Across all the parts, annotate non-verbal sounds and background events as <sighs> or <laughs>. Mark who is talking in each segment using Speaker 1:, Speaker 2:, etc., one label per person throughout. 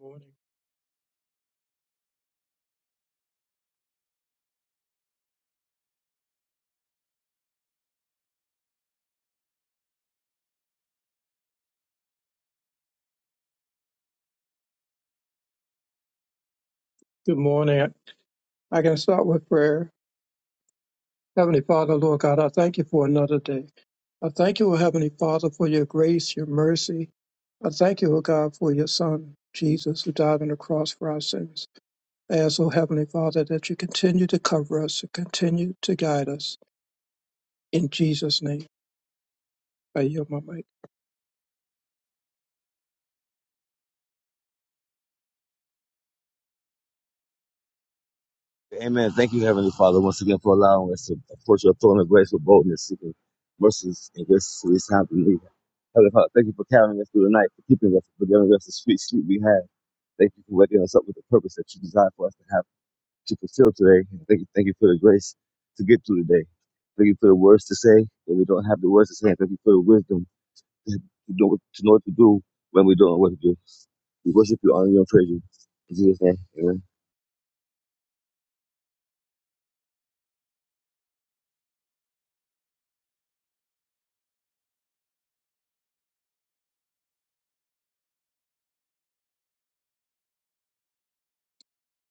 Speaker 1: Morning. Good morning. I can start with prayer. Heavenly Father, Lord God, I thank you for another day. I thank you, O Heavenly Father, for your grace, your mercy. I thank you, O God, for your Son, Jesus, who died on the cross for our sins. I ask, O Heavenly Father, that you continue to cover us, to continue to guide us. In Jesus' name, I yield my mic.
Speaker 2: Amen. Thank you, Heavenly Father, once again for allowing us to approach your throne of grace with boldness, seeking mercies and grace for this time to need. Heavenly Father, thank you for carrying us through the night, for keeping us, for giving us the sweet sleep we had. Thank you for waking us up with the purpose that you designed for us to have to fulfill today. And thank you, thank you for the grace to get through the day. Thank you for the words to say when we don't have the words to say. And thank you for the wisdom to to know, what- to know what to do when we don't know what to do. We worship you, honor you, and praise you. In Jesus' name, amen.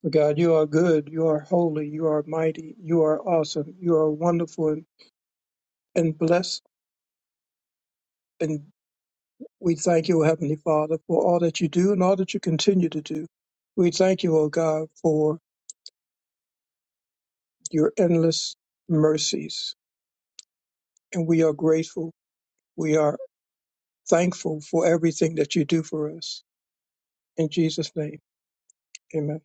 Speaker 1: O God, you are good, you are holy, you are mighty, you are awesome, you are wonderful and blessed We thank you, O Heavenly Father, for all that you do and all that you continue to do. We thank you, O God, for your endless mercies. And we are grateful. We are thankful for everything that you do for us. In Jesus' name, amen.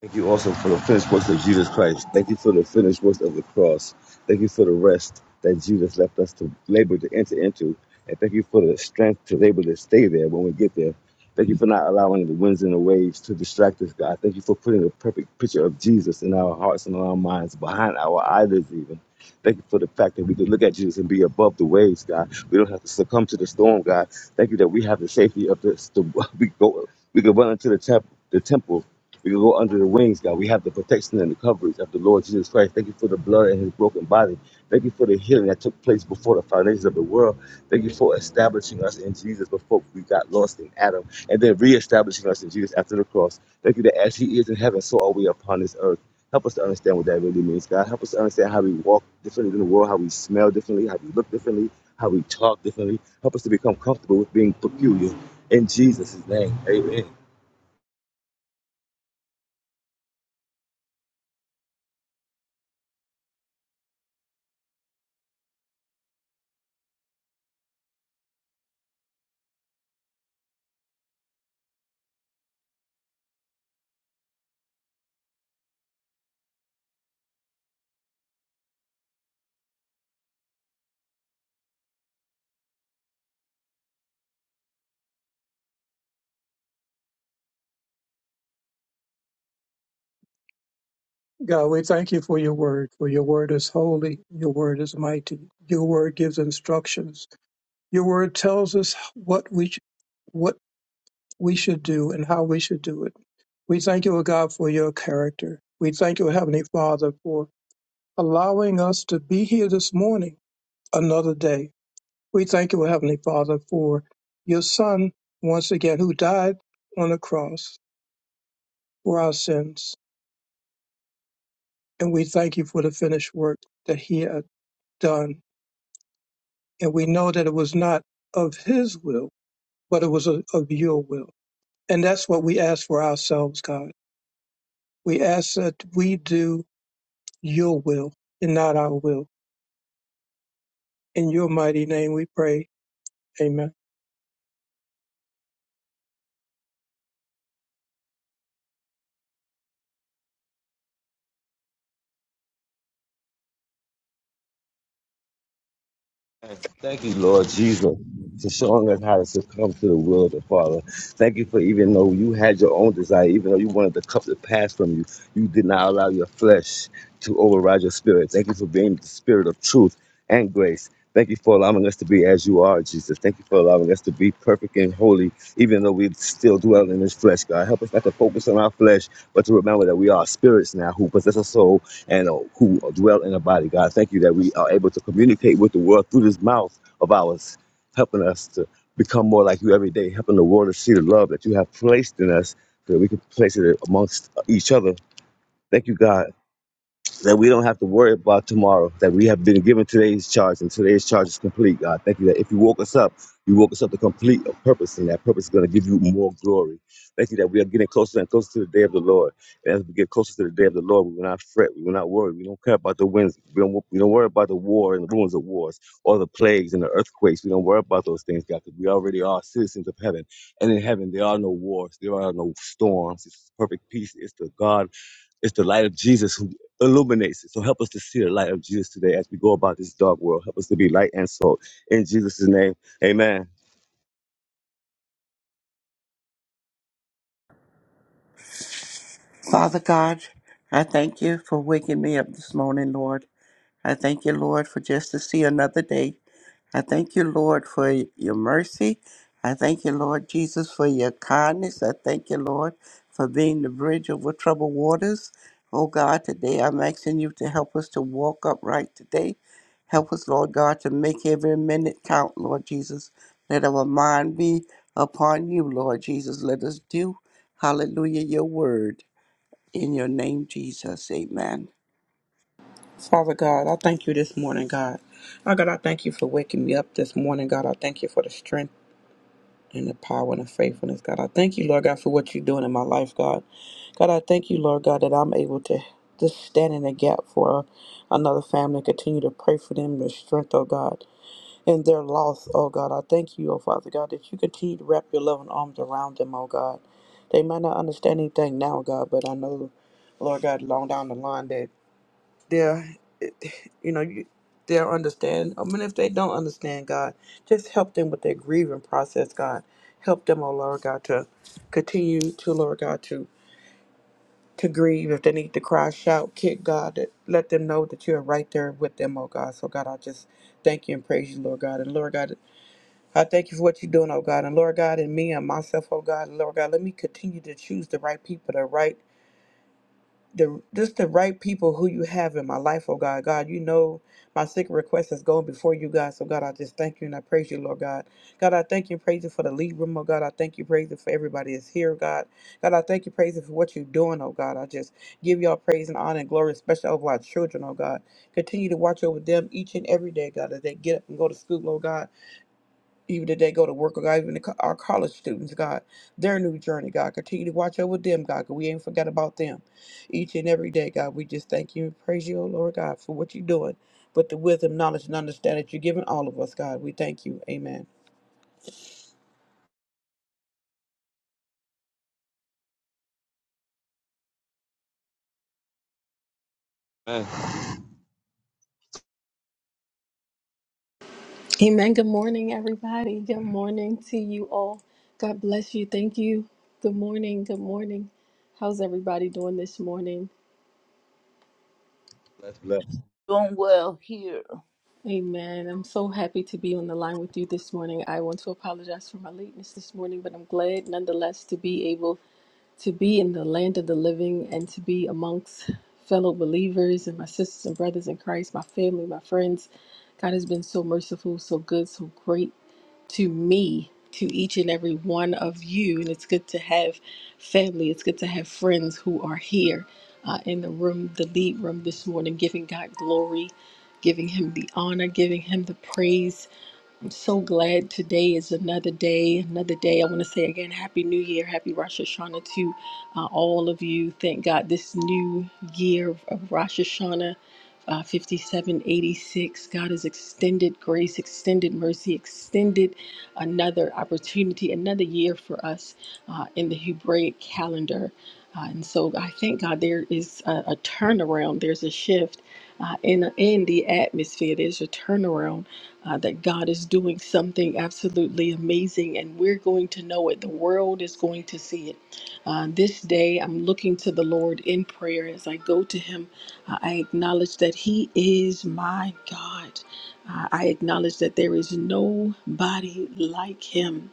Speaker 2: Thank you also for the finished works of Jesus Christ. Thank you for the finished works of the cross. Thank you for the rest that Jesus left us to labor to enter into. And thank you for the strength to labor to stay there when we get there. Thank you for not allowing the winds and the waves to distract us, God. Thank you for putting a perfect picture of Jesus in our hearts and in our minds, behind our eyelids, even. Thank you for the fact that we could look at Jesus and be above the waves, God. We don't have to succumb to the storm, God. Thank you that we have the safety of this. The, <laughs> we go, we can run into the temple, the temple we can go under the wings, God. We have the protection and the coverage of the Lord Jesus Christ. Thank you for the blood and his broken body. Thank you for the healing that took place before the foundations of the world. Thank you for establishing us in Jesus before we got lost in Adam and then reestablishing us in Jesus after the cross. Thank you that as he is in heaven, so are we upon this earth. Help us to understand what that really means, God. Help us to understand how we walk differently in the world, how we smell differently, how we look differently, how we talk differently. Help us to become comfortable with being peculiar. In Jesus' name, amen.
Speaker 1: God, we thank you for your word, for your word is holy, your word is mighty, your word gives instructions, your word tells us what we, sh- what we should do and how we should do it. We thank you, O God, for your character. We thank you, Heavenly Father, for allowing us to be here this morning, another day. We thank you, Heavenly Father, for your Son, once again, who died on the cross for our sins. And we thank you for the finished work that he had done. And we know that it was not of his will, but it was of of your will. And that's what we ask for ourselves, God. We ask that we do your will and not our will. In your mighty name we pray. Amen.
Speaker 2: And Thank you, Lord Jesus, for showing us how to succumb to the will of the Father. Thank you for even though you had your own desire, even though you wanted the cup to pass from you, you did not allow your flesh to override your spirit. Thank you for being the spirit of truth and grace. Thank you for allowing us to be as you are, Jesus. Thank you for allowing us to be perfect and holy, even though we still dwell in this flesh, God. Help us not to focus on our flesh, but to remember that we are spirits now who possess a soul and uh, who dwell in the body. God, thank you that we are able to communicate with the world through this mouth of ours, helping us to become more like you every day, helping the world to see the love that you have placed in us so that we can place it amongst each other. Thank you, God, that we don't have to worry about tomorrow, that we have been given today's charge, and today's charge is complete, God. Thank you that if you woke us up, you woke us up to complete a purpose, and that purpose is going to give you more glory. Thank you that we are getting closer and closer to the day of the Lord. And as we get closer to the day of the Lord, we will not fret, we will not worry, we don't care about the winds, we don't, we don't worry about the war and the ruins of wars, or the plagues and the earthquakes. We don't worry about those things, God, because we already are citizens of heaven. And in heaven, there are no wars, there are no storms. It's perfect peace. It's the God it's the light of Jesus who illuminates it. So help us to see the light of Jesus today as we go about this dark world. Help us to be light and salt. In Jesus' name, amen.
Speaker 3: Father God, I thank you for waking me up this morning, Lord. I thank you, Lord, for just to see another day. I thank you, Lord, for your mercy. I thank you, Lord Jesus, for your kindness. I thank you, Lord, for being the bridge over troubled waters. Oh God, today I'm asking you to help us to walk upright today. Help us, Lord God, to make every minute count, Lord Jesus. Let our mind be upon you, Lord Jesus. Let us do, hallelujah, your word. In your name, Jesus. Amen.
Speaker 4: Father God, I thank you this morning, God. Oh God, I thank you for waking me up this morning, God. I thank you for the strength and the power and the faithfulness, God. I thank you, Lord God, for what you're doing in my life, God. God, I thank you, Lord God, that I'm able to just stand in the gap for another family, continue to pray for them, the strength, oh God, and their loss, oh God. I thank you, oh Father God, that you continue to wrap your loving arms around them, oh God. They might not understand anything now, God, but I know, Lord God, long down the line that their you know you, their understand i mean if they don't understand god just help them with their grieving process god help them oh lord god to continue to lord god to to grieve if they need to cry shout kick god that- let them know that you are right there with them oh god so god i just thank you and praise you lord god and lord god i thank you for what you're doing oh god and lord god and me and myself oh god and lord god let me continue to choose the right people the right the just the right people who you have in my life, oh God. God, you know my secret request is going before you, God. So God, I just thank you and I praise you, Lord God. God, I thank you and praise you for the lead room, oh God. I thank you, praise you for everybody that's here, God. God, I thank you, praise you for what you're doing, oh God. I just give y'all praise and honor and glory, especially over our children, oh God. Continue to watch over them each and every day, God, as they get up and go to school, oh God even if they go to work, or God, even the, co- our college students, God, their new journey, God, continue to watch over them, God, 'cause we ain't forgot about them. Each and every day, God, we just thank you and praise you, oh Lord God, for what you're doing, but the wisdom, knowledge, and understanding that you're giving all of us, God, we thank you. Amen.
Speaker 2: Amen.
Speaker 5: Amen. Good morning, everybody. Good morning to you all. God bless you. Thank you. Good morning. Good morning. How's everybody doing this morning?
Speaker 2: Bless, bless.
Speaker 6: doing well here.
Speaker 5: Amen. I'm so happy to be on the line with you this morning. I want to apologize for my lateness this morning, but I'm glad nonetheless to be able to be in the land of the living and to be amongst fellow believers and my sisters and brothers in Christ, my family, my friends. God has been so merciful, so good, so great to me, to each and every one of you. And it's good to have family, it's good to have friends who are here uh, in the room, the lead room this morning, giving God glory, giving Him the honor, giving Him the praise I'm so glad today is another day, another day. I want to say again, Happy New Year, Happy Rosh Hashanah to uh, all of you. Thank God this new year of Rosh Hashanah uh, 5786, God has extended grace, extended mercy, extended another opportunity, another year for us uh, in the Hebraic calendar. Uh, and so I thank God there is a, a turnaround, there's a shift uh, in, in the atmosphere, there's a turnaround uh, that God is doing something absolutely amazing, and we're going to know it. The world is going to see it. Uh, this day, I'm looking to the Lord in prayer. As I go to Him, uh, I acknowledge that He is my God. Uh, I acknowledge that there is nobody like Him.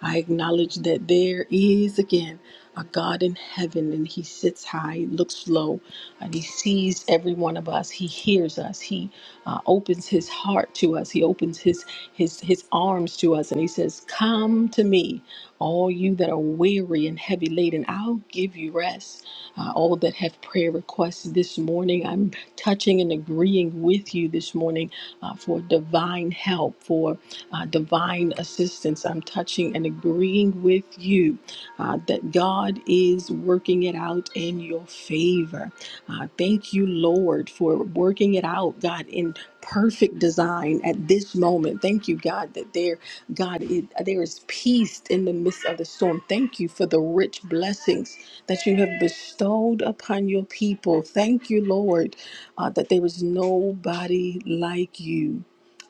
Speaker 5: I acknowledge that there is again a God in heaven and he sits high, looks low, and he sees every one of us. He hears us. He uh, opens his heart to us. He opens his his his arms to us and he says, "Come to me, all you that are weary and heavy laden. I'll give you rest." Uh, all that have prayer requests this morning, I'm touching and agreeing with you this morning uh, for divine help, for uh, divine assistance. I'm touching and agreeing with you uh, that God is working it out in your favor. Uh, thank you, Lord, for working it out, God, in perfect design at this moment. Thank you, God, that there, God, it, there is peace in the midst of the storm. Thank you for the rich blessings that you have bestowed upon your people. Thank you, Lord, uh, that there is nobody like you.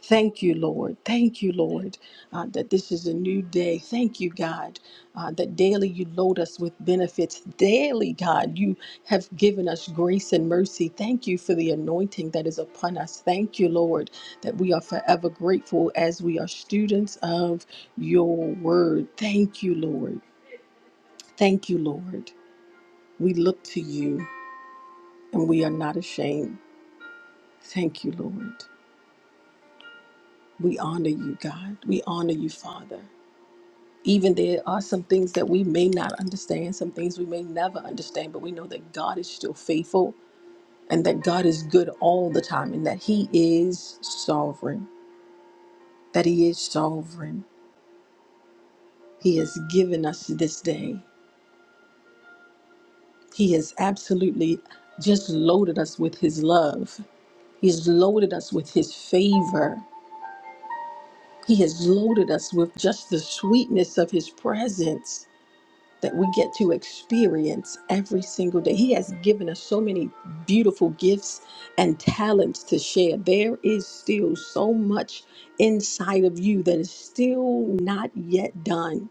Speaker 5: Thank you, Lord. Thank you, Lord, uh, that this is a new day. Thank you, God, uh, that daily you load us with benefits. Daily, God, you have given us grace and mercy. Thank you for the anointing that is upon us. Thank you, Lord, that we are forever grateful as we are students of your word. Thank you, Lord. Thank you, Lord. We look to you and we are not ashamed. Thank you, Lord. We honor you, God. We honor you, Father. even there are some things that we may not understand, some things we may never understand, but we know that God is still faithful and that God is good all the time and that He is sovereign, that He is sovereign. He has given us this day. He has absolutely just loaded us with His love, He has loaded us with His favor, He has loaded us with just the sweetness of His presence. that we get to experience every single day. He has given us so many beautiful gifts and talents to share. There is still so much inside of you that is still not yet done.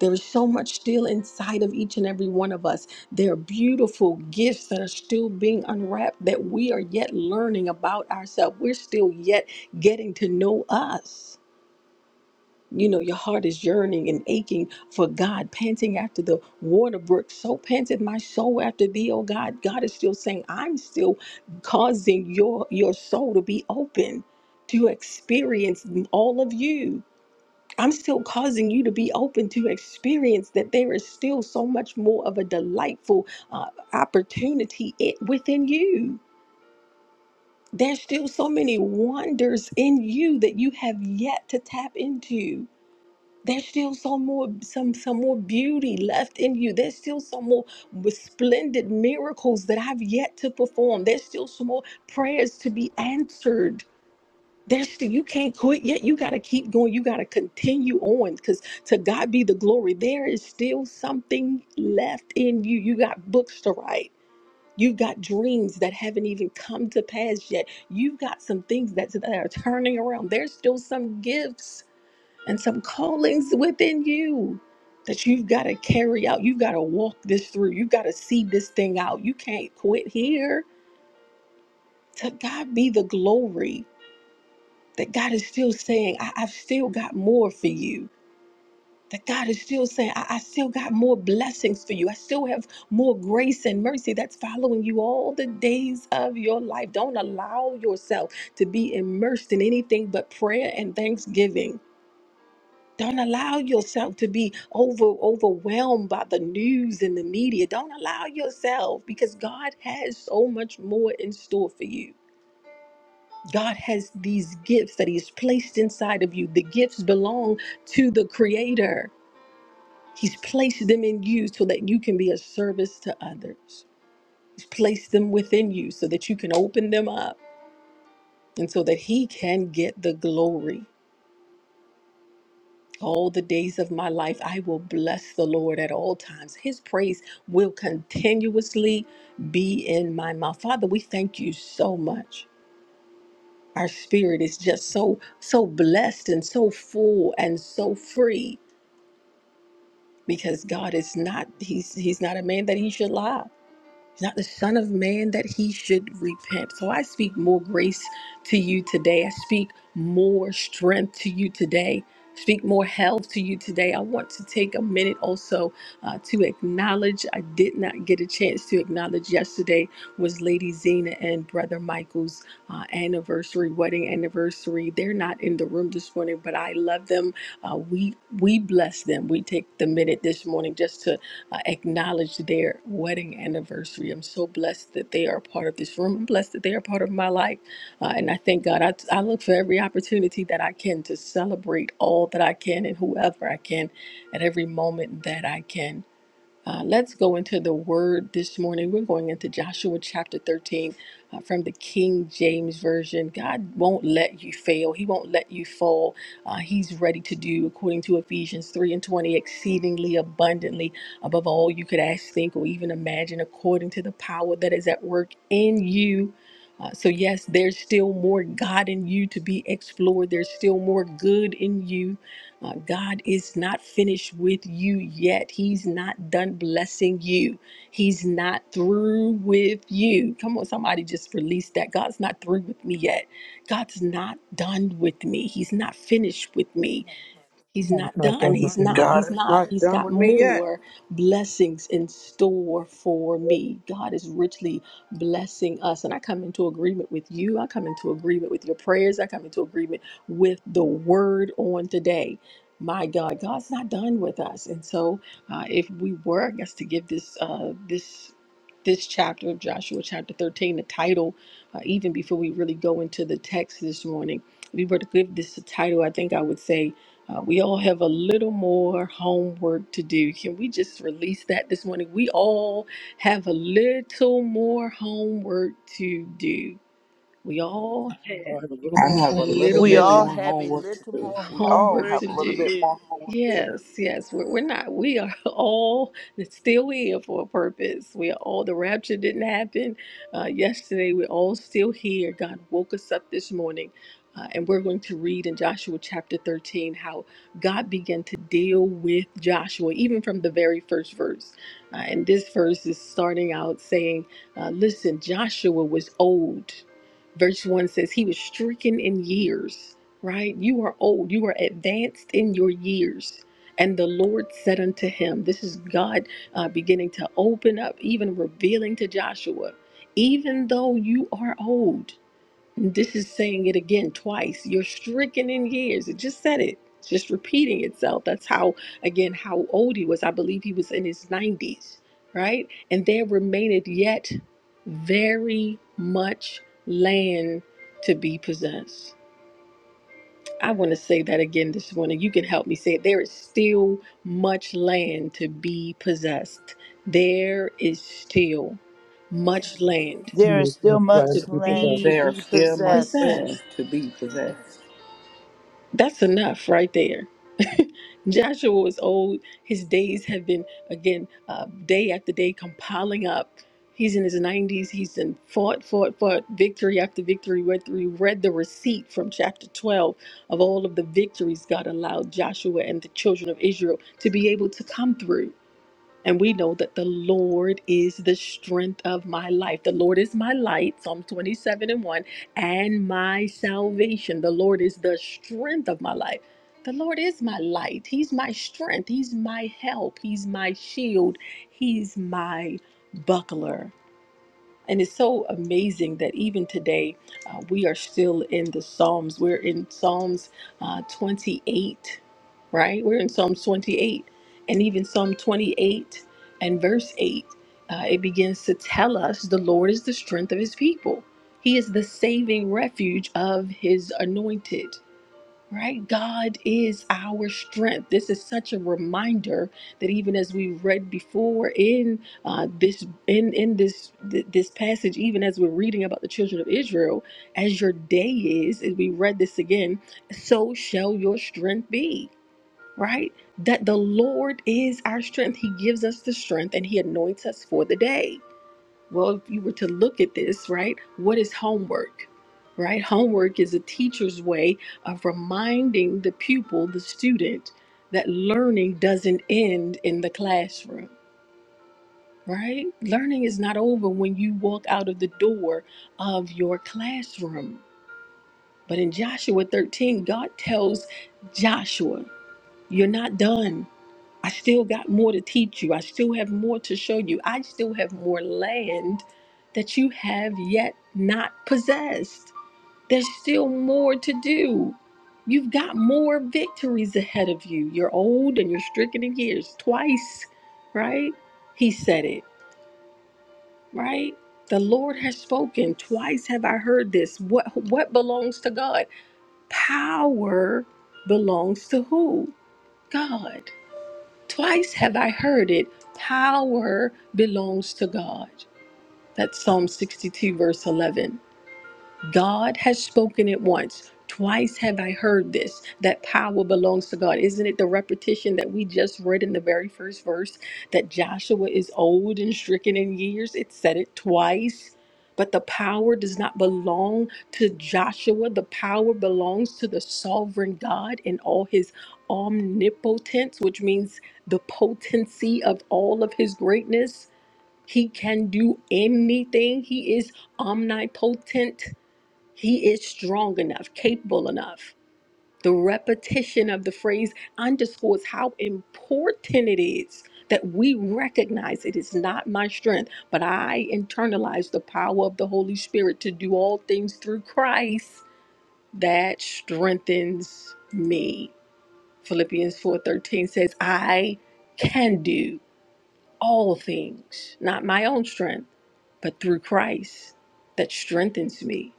Speaker 5: There is so much still inside of each and every one of us. There are beautiful gifts that are still being unwrapped that we are yet learning about ourselves. We're still yet getting to know us you know your heart is yearning and aching for god panting after the water brook so panted my soul after thee oh god god is still saying i'm still causing your your soul to be open to experience all of you i'm still causing you to be open to experience that there is still so much more of a delightful uh, opportunity it, within you there's still so many wonders in you that you have yet to tap into there's still some more, some some more beauty left in you. There's still some more splendid miracles that I've yet to perform. There's still some more prayers to be answered. There's still you can't quit yet. You gotta keep going. You gotta continue on because to God be the glory. There is still something left in you. You got books to write. You've got dreams that haven't even come to pass yet. You've got some things that, that are turning around. There's still some gifts and some callings within you that you've got to carry out. You've got to walk this through. You've got to see this thing out. You can't quit here. To God be the glory that God is still saying, I- have still got more for you. That God is still saying, I-, I still got more blessings for you. I still have more grace and mercy that's following you all the days of your life. Don't allow yourself to be immersed in anything but prayer and thanksgiving Don't allow yourself to be over overwhelmed by the news and the media. Don't allow yourself because God has so much more in store for you. God has these gifts that He's placed inside of you. The gifts belong to the Creator. He's placed them in you so that you can be a service to others. He's placed them within you so that you can open them up and so that He can get the glory. All the days of my life, I will bless the Lord at all times. His praise will continuously be in my mouth. Father, we thank you so much. Our spirit is just so, so blessed and so full and so free because God is not, he's, he's not a man that he should lie He's not the Son of Man that he should repent. So I speak more grace to you today. I speak more strength to you today. Speak more health to you today. I want to take a minute also uh, to acknowledge. I did not get a chance to acknowledge yesterday was Lady Zena and Brother Michael's uh, anniversary, wedding anniversary. They're not in the room this morning, but I love them. Uh, we we bless them. We take the minute this morning just to uh, acknowledge their wedding anniversary. I'm so blessed that they are part of this room. I'm blessed that they are part of my life. Uh, and I thank God. I, I look for every opportunity that I can to celebrate all that I can and whoever I can at every moment that I can. Uh, let's go into the word this morning. We're going into Joshua chapter 13 uh, from the King James Version. God won't let you fail, He won't let you fall. Uh, he's ready to do, according to Ephesians 3 and 20, exceedingly abundantly above all you could ask, think, or even imagine, according to the power that is at work in you. Uh, so, yes, there's still more God in you to be explored. There's still more good in you uh, God is not finished with you yet. He's not done blessing you. He's not through with you. Come on, somebody just release that. God's not through with me yet. God's not done with me. He's not finished with me. He's not
Speaker 1: Not
Speaker 5: done.
Speaker 1: done with
Speaker 5: He's
Speaker 1: me
Speaker 5: not.
Speaker 1: yet.
Speaker 5: He's
Speaker 4: God is
Speaker 5: not.
Speaker 4: not
Speaker 5: He's
Speaker 4: done
Speaker 5: got
Speaker 4: with me yet.
Speaker 5: more blessings in store for me. God is richly blessing us. And I come into agreement with you. I come into agreement with your prayers. I come into agreement with the word on today. My God, God's not done with us. And so uh, if we were, I guess, to give this, uh, this, this chapter of Joshua, chapter 13, the title, uh, even before we really go into the text this morning, if we were to give this a title, I think I would say uh, we all have a little more homework to do. Can we just release that this morning? We all have a little more homework to do. We all
Speaker 1: We
Speaker 5: have
Speaker 1: all have a little
Speaker 4: I
Speaker 1: more
Speaker 4: have a
Speaker 5: a
Speaker 1: homework to
Speaker 5: little
Speaker 4: little
Speaker 1: do.
Speaker 6: We
Speaker 4: bit
Speaker 6: all
Speaker 4: more
Speaker 5: more
Speaker 6: have a
Speaker 4: homework to
Speaker 6: little
Speaker 4: do.
Speaker 6: more
Speaker 4: We all
Speaker 5: homework
Speaker 6: homework
Speaker 4: have
Speaker 5: to
Speaker 4: a little
Speaker 6: to
Speaker 5: do.
Speaker 4: bit
Speaker 6: do.
Speaker 4: more homework to do.
Speaker 5: Yes, yes, we're, we're not. We are <laughs> all still here for a purpose. We are all, the rapture didn't happen uh, yesterday. We're all still here. God woke us up this morning. Uh, and we're going to read in Joshua chapter 13 how God began to deal with Joshua, even from the very first verse. Uh, and this verse is starting out saying, uh, Listen, Joshua was old. Verse 1 says, He was stricken in years right? You are old, you are advanced in your years. And the Lord said unto him, This is God uh, beginning to open up, even revealing to Joshua, even though you are old, this is saying it again twice, you're stricken in years. It just said it, it's just repeating itself. That's how, again, how old he was. I believe he was in his 90s, right? And there remaineth yet very much land to be possessed I want to say that again this morning. You can help me say it. There is still much land to be possessed. There is still much land
Speaker 6: There is
Speaker 1: We
Speaker 6: still
Speaker 1: must land
Speaker 5: to
Speaker 1: the
Speaker 6: much
Speaker 1: people
Speaker 6: land
Speaker 1: that
Speaker 6: to
Speaker 5: be
Speaker 4: There is
Speaker 6: be
Speaker 4: still much
Speaker 6: possessed.
Speaker 5: possessed.
Speaker 4: land to be possessed.
Speaker 5: That's enough right there. <laughs> Joshua was old. His days have been, again, uh, day after day compiling up. He's in his 90s. He's in fought, fought, fought, victory after victory. Read, we read the receipt from chapter 12 of all of the victories God allowed Joshua and the children of Israel to be able to come through. And we know that the Lord is the strength of my life. The Lord is my light, Psalm 27 and 1, and my salvation. The Lord is the strength of my life. The Lord is my light. He's my strength. He's my help. He's my shield. He's my buckler. And it's so amazing that even today uh, we are still in the Psalms. We're in Psalms uh, 28, right? We're in Psalms 28. And even Psalm 28 and verse 8, uh, it begins to tell us the Lord is the strength of his people, he is the saving refuge of his anointed right? God is our strength. This is such a reminder that even as we read before in uh, this in in this th- this passage, even as we're reading about the children of Israel, as your day is, as we read this again, so shall your strength be. Right? That the Lord is our strength. He gives us the strength and He anoints us for the day. Well, if you were to look at this, right, what is homework? Right? Homework is a teacher's way of reminding the pupil, the student, that learning doesn't end in the classroom, right? Learning is not over when you walk out of the door of your classroom. But in Joshua 13, God tells Joshua, You're not done. I still got more to teach you. I still have more to show you. I still have more land that you have yet not possessed. There's still more to do. You've got more victories ahead of you. You're old and you're stricken in years twice, right? He said it, right? The Lord has spoken. Twice have I heard this. What what belongs to God? Power belongs to who? God. Twice have I heard it power belongs to God. That's Psalm 62, verse 11. God has spoken it once. Twice have I heard this that power belongs to God. Isn't it the repetition that we just read in the very first verse that Joshua is old and stricken in years? It said it twice. But the power does not belong to Joshua. The power belongs to the sovereign God in all his omnipotence, which means the potency of all of his greatness. He can do anything, he is omnipotent. He is strong enough, capable enough. The repetition of the phrase underscores how important it is that we recognize it is not my strength, but I internalize the power of the Holy Spirit to do all things through Christ that strengthens me. Philippians 4:13 says, "I can do all things, not my own strength, but through Christ that strengthens me."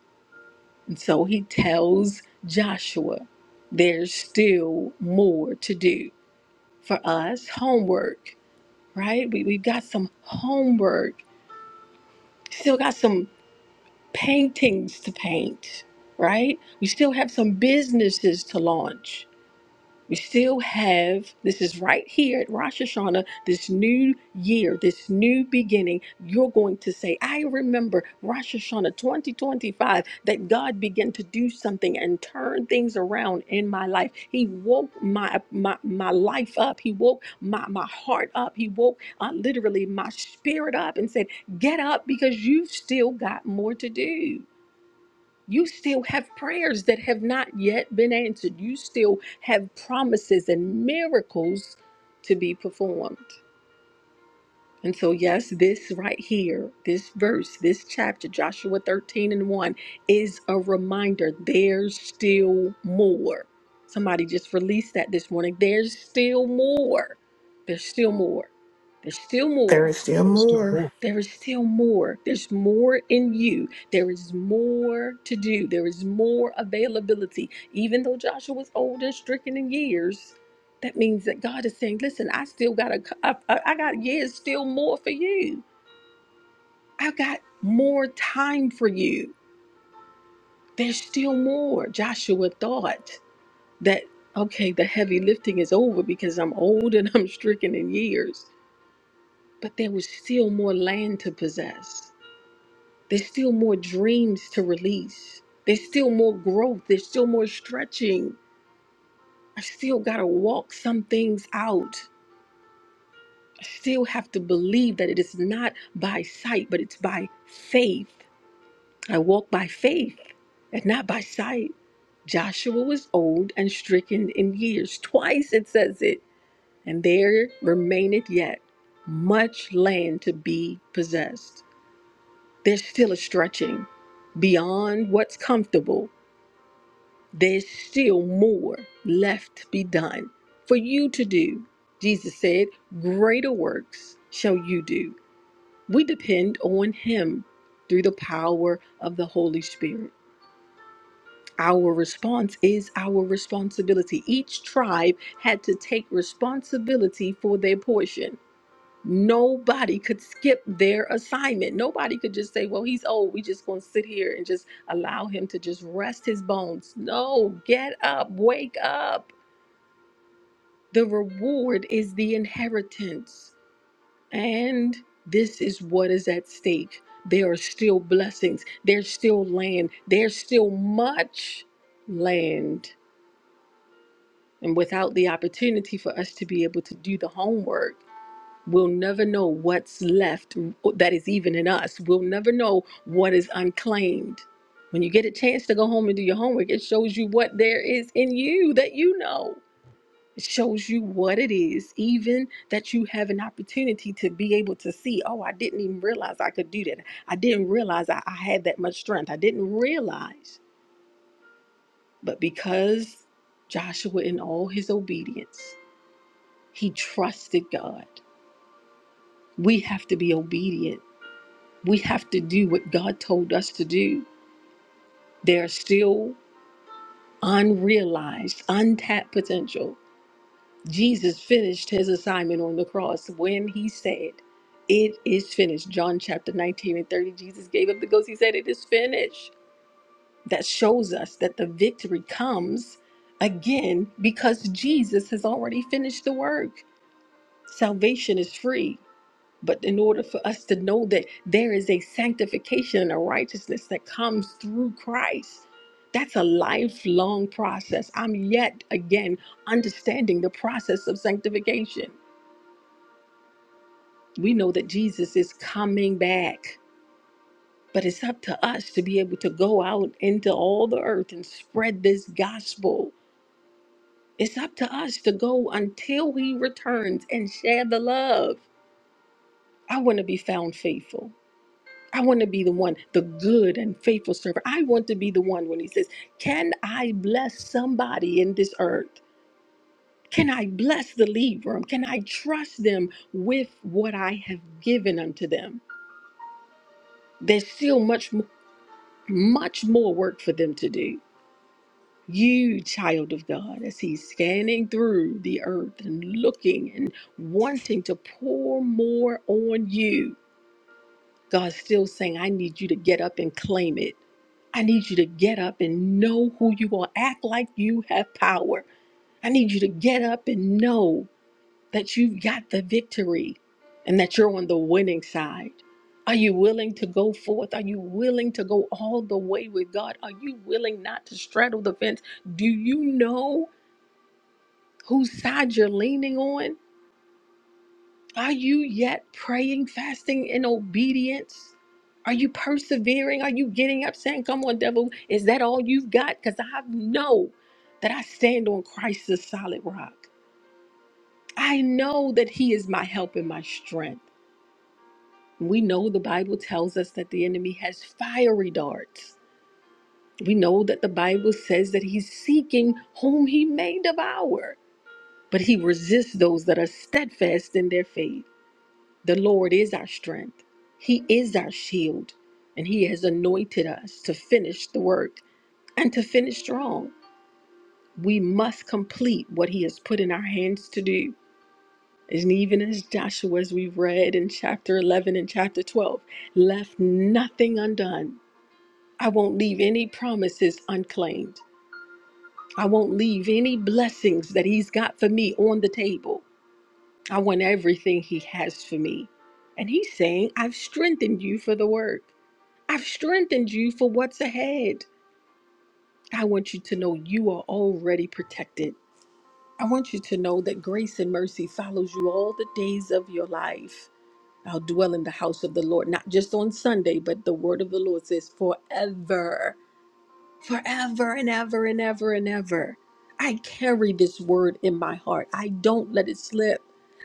Speaker 5: And so he tells Joshua, there's still more to do for us. Homework, right? We, we've got some homework, still got some paintings to paint, right? We still have some businesses to launch we still have, this is right here at Rosh Hashanah, this new year, this new beginning. You're going to say, I remember Rosh Hashanah 2025, that God began to do something and turn things around in my life. He woke my my, my life up. He woke my, my heart up. He woke uh, literally my spirit up and said, Get up because you've still got more to do. You still have prayers that have not yet been answered. You still have promises and miracles to be performed. And so, yes, this right here, this verse, this chapter, Joshua 13 and 1, is a reminder there's still more. Somebody just released that this morning. There's still more. There's still more. There's still
Speaker 7: There
Speaker 5: more.
Speaker 7: is still
Speaker 1: there's still
Speaker 7: more.
Speaker 1: more.
Speaker 5: There is still more. There's more in you. There is more to do. There is more availability. Even though Joshua was old and stricken in years, that means that God is saying, "Listen, I still got a, I, I I got years, still more for you. I got more time for you. There's still more." Joshua thought that, okay, the heavy lifting is over because I'm old and I'm stricken in years, but there was still more land to possess. There's still more dreams to release. There's still more growth. There's still more stretching. I still got to walk some things out. I still have to believe that it is not by sight, but it's by faith. I walk by faith and not by sight. Joshua was old and stricken in years. Twice it says it. And there remaineth yet much land to be possessed. There's still a stretching beyond what's comfortable There's still more left to be done for you to do. Jesus said, Greater works shall you do. We depend on Him through the power of the Holy Spirit. Our response is our responsibility. Each tribe had to take responsibility for their portion. Nobody could skip their assignment. Nobody could just say, Well, he's old. We just gonna sit here and just allow him to just rest his bones. No, get up, wake up. The reward is the inheritance. And this is what is at stake. There are still blessings, there's still land, there's still much land. And without the opportunity for us to be able to do the homework, We'll never know what's left that is even in us. We'll never know what is unclaimed. When you get a chance to go home and do your homework, it shows you what there is in you that you know. It shows you what it is, even that you have an opportunity to be able to see. Oh, I didn't even realize I could do that. I didn't realize I, I had that much strength. I didn't realize. But because Joshua, in all his obedience, he trusted God. We have to be obedient We have to do what God told us to do. There's still unrealized, untapped potential. Jesus finished his assignment on the cross when he said, It is finished. John chapter 19 and 30, Jesus gave up the ghost. He said, It is finished. That shows us that the victory comes again because Jesus has already finished the work. Salvation is free. But in order for us to know that there is a sanctification and a righteousness that comes through Christ, that's a lifelong process. I'm yet again understanding the process of sanctification. We know that Jesus is coming back, but it's up to us to be able to go out into all the earth and spread this gospel. It's up to us to go until he returns and share the love. I want to be found faithful. I want to be the one, the good and faithful servant. I want to be the one when he says, Can I bless somebody in this earth? Can I bless the lead room? Can I trust them with what I have given unto them? There's still much, mo- much more work for them to do. You, child of God, as he's scanning through the earth and looking and wanting to pour more on you, God's still saying, I need you to get up and claim it. I need you to get up and know who you are. Act like you have power. I need you to get up and know that you've got the victory and that you're on the winning side. Are you willing to go forth? Are you willing to go all the way with God? Are you willing not to straddle the fence? Do you know whose side you're leaning on? Are you yet praying, fasting in obedience? Are you persevering? Are you getting up saying, Come on, devil, is that all you've got? Because I know that I stand on Christ's solid rock. I know that He is my help and my strength. We know the Bible tells us that the enemy has fiery darts. We know that the Bible says that he's seeking whom he may devour, but he resists those that are steadfast in their faith. The Lord is our strength, He is our shield, and He has anointed us to finish the work and to finish strong. We must complete what He has put in our hands to do. And even as Joshua, as we've read in chapter 11 and chapter 12, left nothing undone. I won't leave any promises unclaimed. I won't leave any blessings that He's got for me on the table. I want everything He has for me. And He's saying, I've strengthened you for the work. I've strengthened you for what's ahead. I want you to know you are already protected. I want you to know that grace and mercy follows you all the days of your life. I'll dwell in the house of the Lord, not just on Sunday, but the word of the Lord says forever, forever and ever and ever and ever. I carry this word in my heart. I don't let it slip.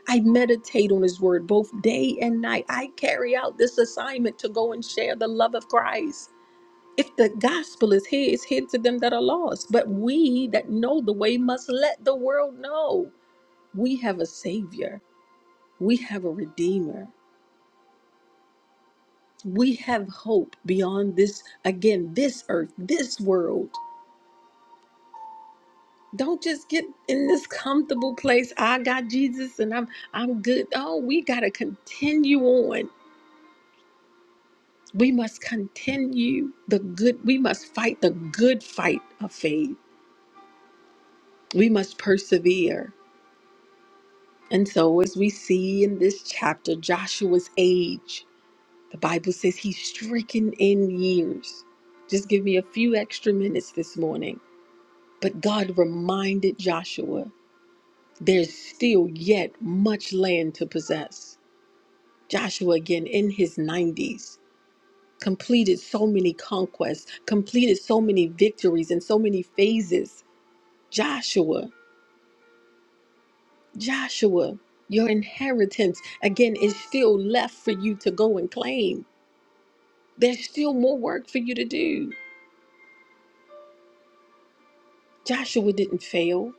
Speaker 5: I meditate on his word both day and night. I carry out this assignment to go and share the love of Christ. If the gospel is hid, it's hid to them that are lost. But we that know the way must let the world know we have a savior, we have a redeemer, we have hope beyond this, again, this earth, this world. Don't just get in this comfortable place. I got Jesus and I'm I'm good. Oh, we gotta continue on. We must continue the good, we must fight the good fight of faith. We must persevere. And so, as we see in this chapter, Joshua's age, the Bible says he's stricken in years. Just give me a few extra minutes this morning. But God reminded Joshua there's still yet much land to possess. Joshua, again in his 90s, completed so many conquests, completed so many victories and so many phases. Joshua, Joshua, your inheritance, again, is still left for you to go and claim. There's still more work for you to do. Joshua didn't fail.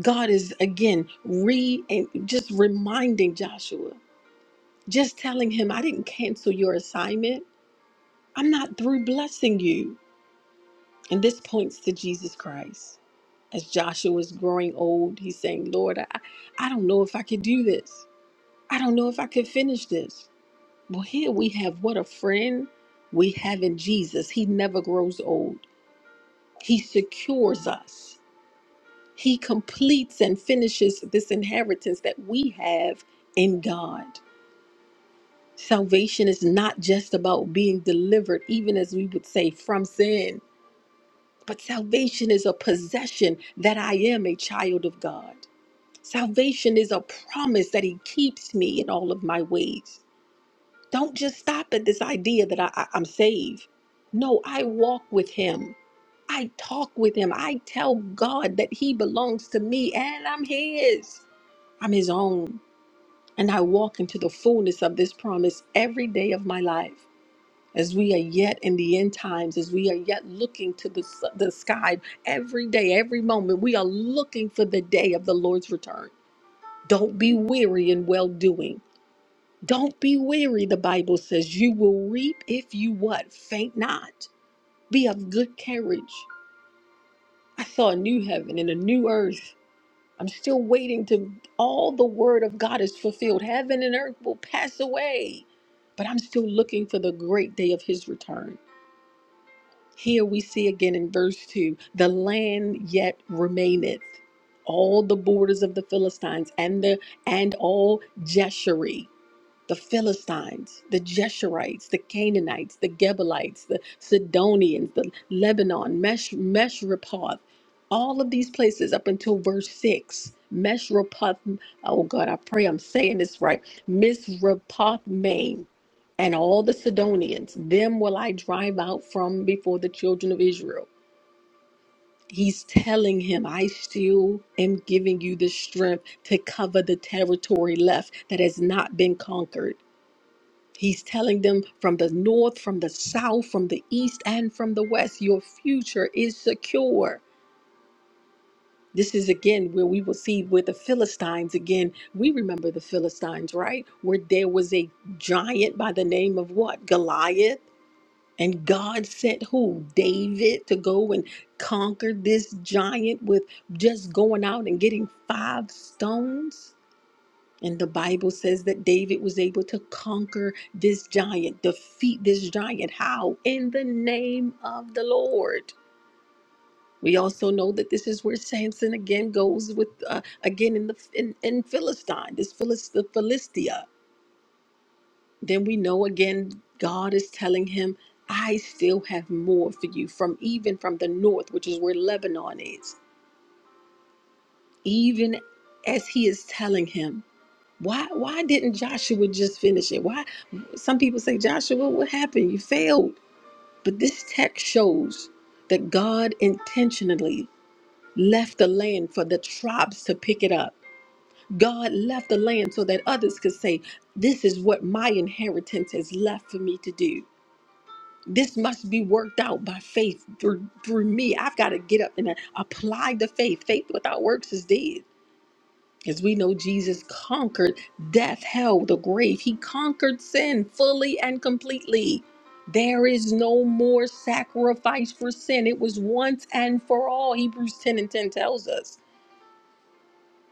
Speaker 5: God is again re and just reminding Joshua, just telling him, I didn't cancel your assignment. I'm not through blessing you. And this points to Jesus Christ. As Joshua is growing old, he's saying, Lord, I, I don't know if I could do this. I don't know if I could finish this. Well, here we have what a friend we have in Jesus. He never grows old. He secures us. He completes and finishes this inheritance that we have in God. Salvation is not just about being delivered, even as we would say, from sin, but salvation is a possession that I am a child of God. Salvation is a promise that He keeps me in all of my ways. Don't just stop at this idea that I, I- I'm saved. No, I walk with Him. I talk with Him. I tell God that He belongs to me and I'm His. I'm His own, and I walk into the fullness of this promise every day of my life. As we are yet in the end times, as we are yet looking to the, s- the sky every day, every moment, we are looking for the day of the Lord's return. Don't be weary in well doing. Don't be weary, the Bible says. You will reap if you what? Faint not. Be of good courage. I saw a new heaven and a new earth I'm still waiting to all the word of God is fulfilled. Heaven and earth will pass away, but I'm still looking for the great day of his return. Here we see again in verse 2 the land yet remaineth, all the borders of the Philistines and the and all Jeshurun the Philistines, the Jeshurites, the Canaanites, the Gebalites, the Sidonians, the Lebanon, Mesh, Meshrepoth, all of these places up until verse 6. Meshrepoth, oh God, I pray I'm saying this right. Misrepoth, Maine, and all the Sidonians, them will I drive out from before the children of Israel. He's telling him, I still am giving you the strength to cover the territory left that has not been conquered. He's telling them from the north, from the south, from the east, and from the west, your future is secure. This is again where we will see with the Philistines, again, we remember the Philistines, right? Where there was a giant by the name of what? Goliath. And God sent who? David to go and conquer this giant with just going out and getting five stones. And the Bible says that David was able to conquer this giant, defeat this giant. How? In the name of the Lord. We also know that this is where Samson again goes with uh, again in the in, in Philistine, this Philist, the Philistia. Then we know again God is telling him, "I still have more for you from even from the north, which is where Lebanon is." Even as he is telling him, Why why didn't Joshua just finish it? Why some people say, Joshua, what happened? You failed. But this text shows that God intentionally left the land for the tribes to pick it up. God left the land so that others could say, This is what my inheritance is left for me to do. This must be worked out by faith through through me. I've got to get up and apply the faith. Faith without works is dead. As we know, Jesus conquered death, hell, the grave. He conquered sin fully and completely. There is no more sacrifice for sin. It was once and for all, Hebrews 10 and 10 tells us.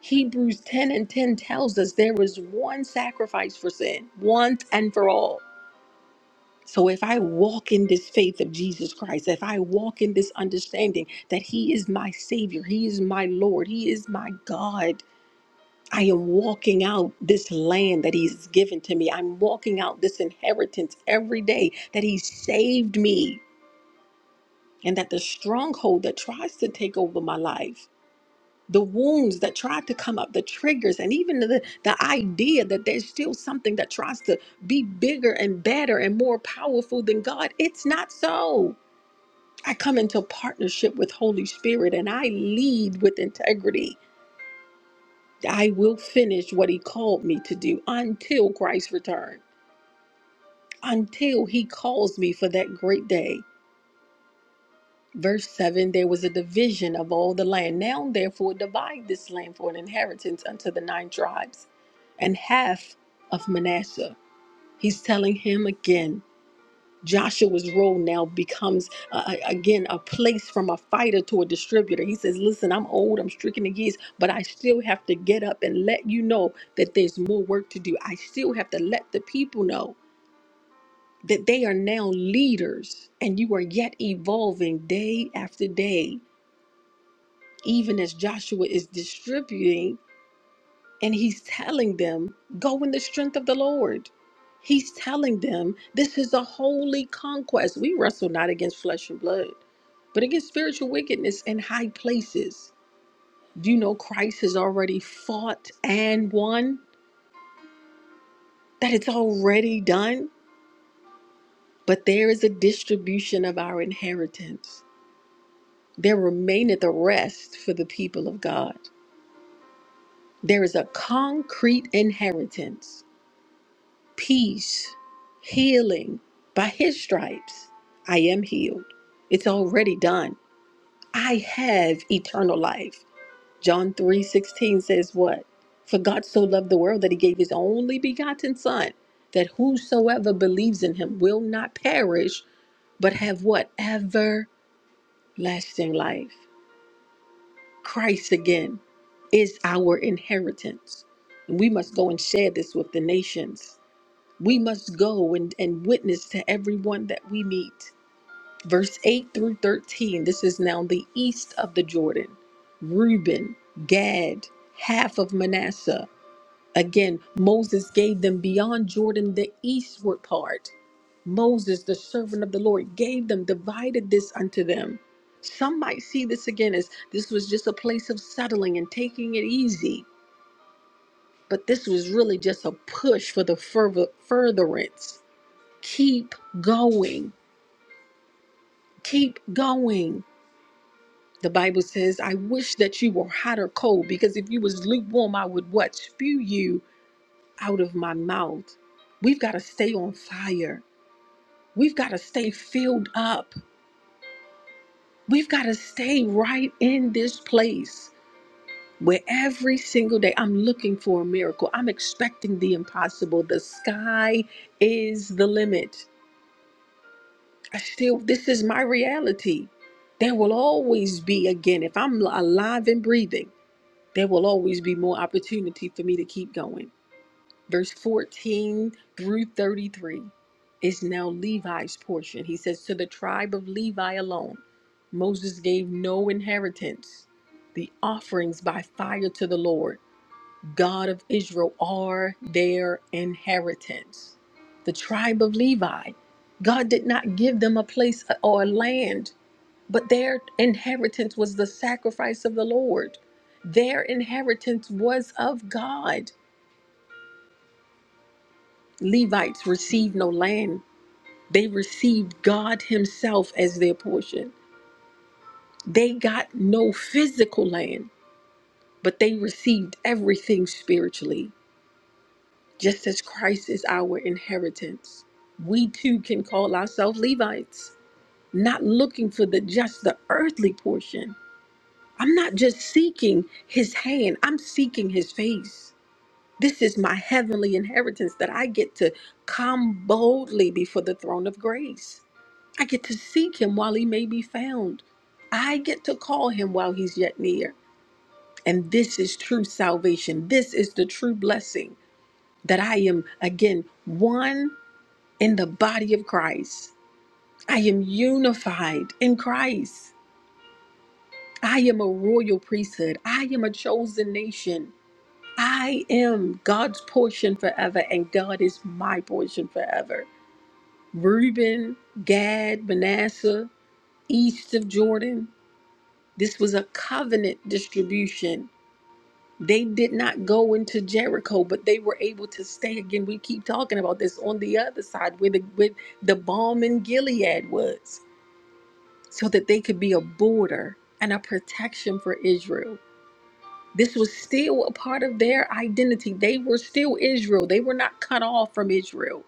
Speaker 5: Hebrews 10 and 10 tells us there was one sacrifice for sin, once and for all. So if I walk in this faith of Jesus Christ, if I walk in this understanding that He is my Savior, He is my Lord, He is my God, I am walking out this land that He's given to me. I'm walking out this inheritance every day that He saved me, and that the stronghold that tries to take over my life, the wounds that tried to come up, the triggers, and even the, the idea that there's still something that tries to be bigger and better and more powerful than God, it's not so. I come into partnership with Holy Spirit and I lead with integrity. I will finish what he called me to do until Christ's return, until he calls me for that great day. Verse 7 There was a division of all the land. Now, therefore, divide this land for an inheritance unto the nine tribes and half of Manasseh. He's telling him again Joshua's role now becomes uh, uh, again a place from a fighter to a distributor. He says, "Listen, I'm old, I'm stricken in years, but I still have to get up and let you know that there's more work to do. I still have to let the people know that they are now leaders and you are yet evolving day after day, even as Joshua is distributing And he's telling them, go in the strength of the Lord. He's telling them, this is a holy conquest. We wrestle not against flesh and blood, but against spiritual wickedness in high places. Do you know Christ has already fought and won? That it's already done? But there is a distribution of our inheritance. There remaineth a rest for the people of God. There is a concrete inheritance peace, healing. By his stripes, I am healed. It's already done. I have eternal life. John 3 16 says, What? For God so loved the world that he gave his only begotten Son, that whosoever believes in him will not perish, but have what? Everlasting life. Christ again is our inheritance. And we must go and share this with the nations. We must go and, and witness to everyone that we meet. Verse 8 through 13 this is now the east of the Jordan. Reuben, Gad, half of Manasseh. Again, Moses gave them beyond Jordan the eastward part. Moses, the servant of the Lord, gave them, divided this unto them. Some might see this again as this was just a place of settling and taking it easy, but this was really just a push for the further, furtherance keep going keep going the bible says i wish that you were hot or cold because if you was lukewarm i would what spew you out of my mouth we've got to stay on fire we've got to stay filled up we've got to stay right in this place where every single day i'm looking for a miracle i'm expecting the impossible the sky is the limit I still, this is my reality. There will always be, again, if I'm alive and breathing, there will always be more opportunity for me to keep going. Verse 14 through 33 is now Levi's portion. He says, To the tribe of Levi alone, Moses gave no inheritance, the offerings by fire to the Lord. God of Israel are their inheritance. The tribe of Levi, God did not give them a place or a land, but their inheritance was the sacrifice of the Lord. Their inheritance was of God. Levites received no land, they received God Himself as their portion. They got no physical land, but they received everything spiritually. Just as Christ is our inheritance, we too can call ourselves Levites, not looking for the just the earthly portion. I'm not just seeking his hand, I'm seeking his face. This is my heavenly inheritance that I get to come boldly before the throne of grace. I get to seek him while he may be found. I get to call him while he's yet near. And this is true salvation. This is the true blessing that I am, again, one in the body of Christ. I am unified in Christ. I am a royal priesthood. I am a chosen nation. I am God's portion forever, and God is my portion forever. Reuben, Gad, Manasseh, east of Jordan, this was a covenant distribution. They did not go into Jericho, but they were able to stay again. We keep talking about this on the other side where the, where the balm in Gilead was so that they could be a border and a protection for Israel. This was still a part of their identity. They were still Israel. They were not cut off from Israel.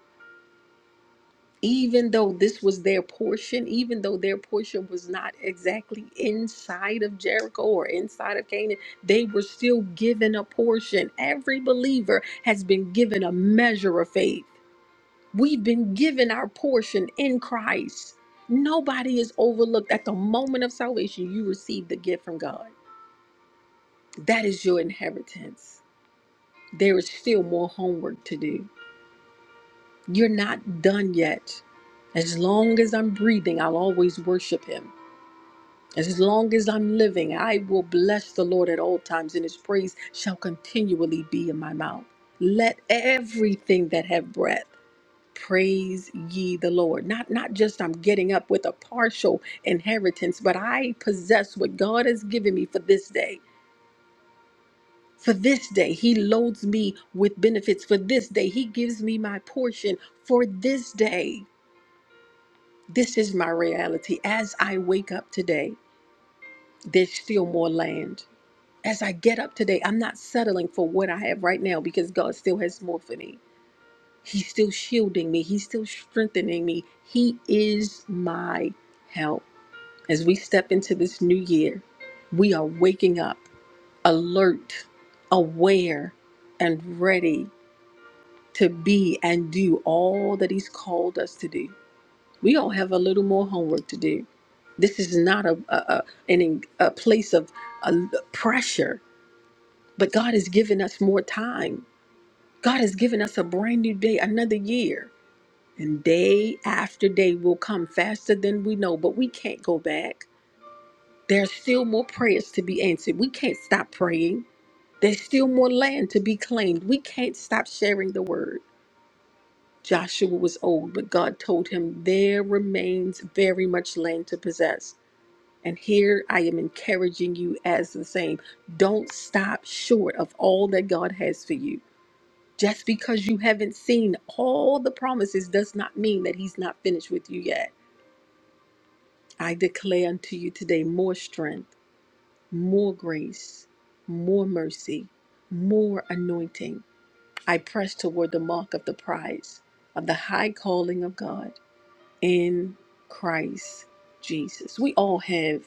Speaker 5: Even though this was their portion, even though their portion was not exactly inside of Jericho or inside of Canaan, they were still given a portion. Every believer has been given a measure of faith. We've been given our portion in Christ. Nobody is overlooked. At the moment of salvation, you receive the gift from God. That is your inheritance. There is still more homework to do. You're not done yet. As long as I'm breathing, I'll always worship Him. As long as I'm living, I will bless the Lord at all times, and His praise shall continually be in my mouth. Let everything that have breath praise ye the lord not not just i'm getting up with a partial inheritance but i possess what god has given me for this day for this day he loads me with benefits for this day he gives me my portion for this day this is my reality as i wake up today there's still more land as i get up today i'm not settling for what i have right now because god still has more for me he's still shielding me he's still strengthening me he is my help As we step into this new year, we are waking up alert, aware, and ready to be and do all that He's called us to do. We all have a little more homework to do. This is not a, a, a, an, en- a place of uh pressure, but God has given us more time. God has given us a brand new day, another year. And day after day will come faster than we know, but we can't go back. There's still more prayers to be answered. We can't stop praying. There's still more land to be claimed. We can't stop sharing the word. Joshua was old, but God told him, There remains very much land to possess. And here I am encouraging you as the same. Don't stop short of all that God has for you. Just because you haven't seen all the promises does not mean that He's not finished with you yet. I declare unto you today more strength more grace, more mercy, more anointing. I press toward the mark of the prize of the high calling of God in Christ Jesus. We all have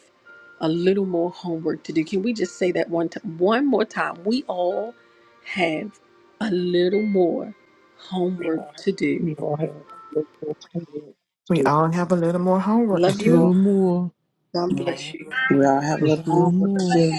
Speaker 5: a little more homework to do. Can we just say that one time, one more time? We all have a little more homework to do.
Speaker 1: We all have a little more homework to
Speaker 7: We
Speaker 1: do.
Speaker 7: all have a little more homework to
Speaker 5: Love
Speaker 8: Just a
Speaker 5: you
Speaker 7: do.
Speaker 8: little
Speaker 5: all.
Speaker 8: more,
Speaker 5: God bless you.
Speaker 4: We all have a little
Speaker 8: just a little
Speaker 4: homework to
Speaker 8: more.
Speaker 4: do.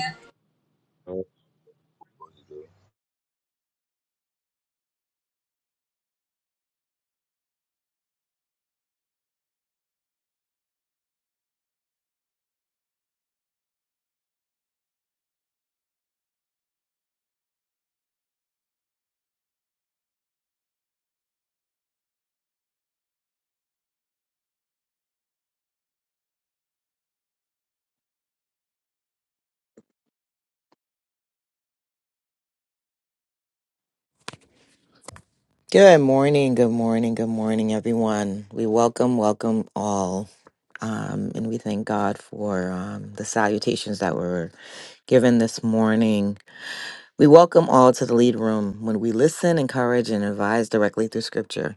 Speaker 9: Good morning, good morning, good morning, everyone. We welcome, welcome all. Um, and we thank God for um, the salutations that were given this morning. We welcome all to the lead room when we listen, encourage, and advise directly through scripture.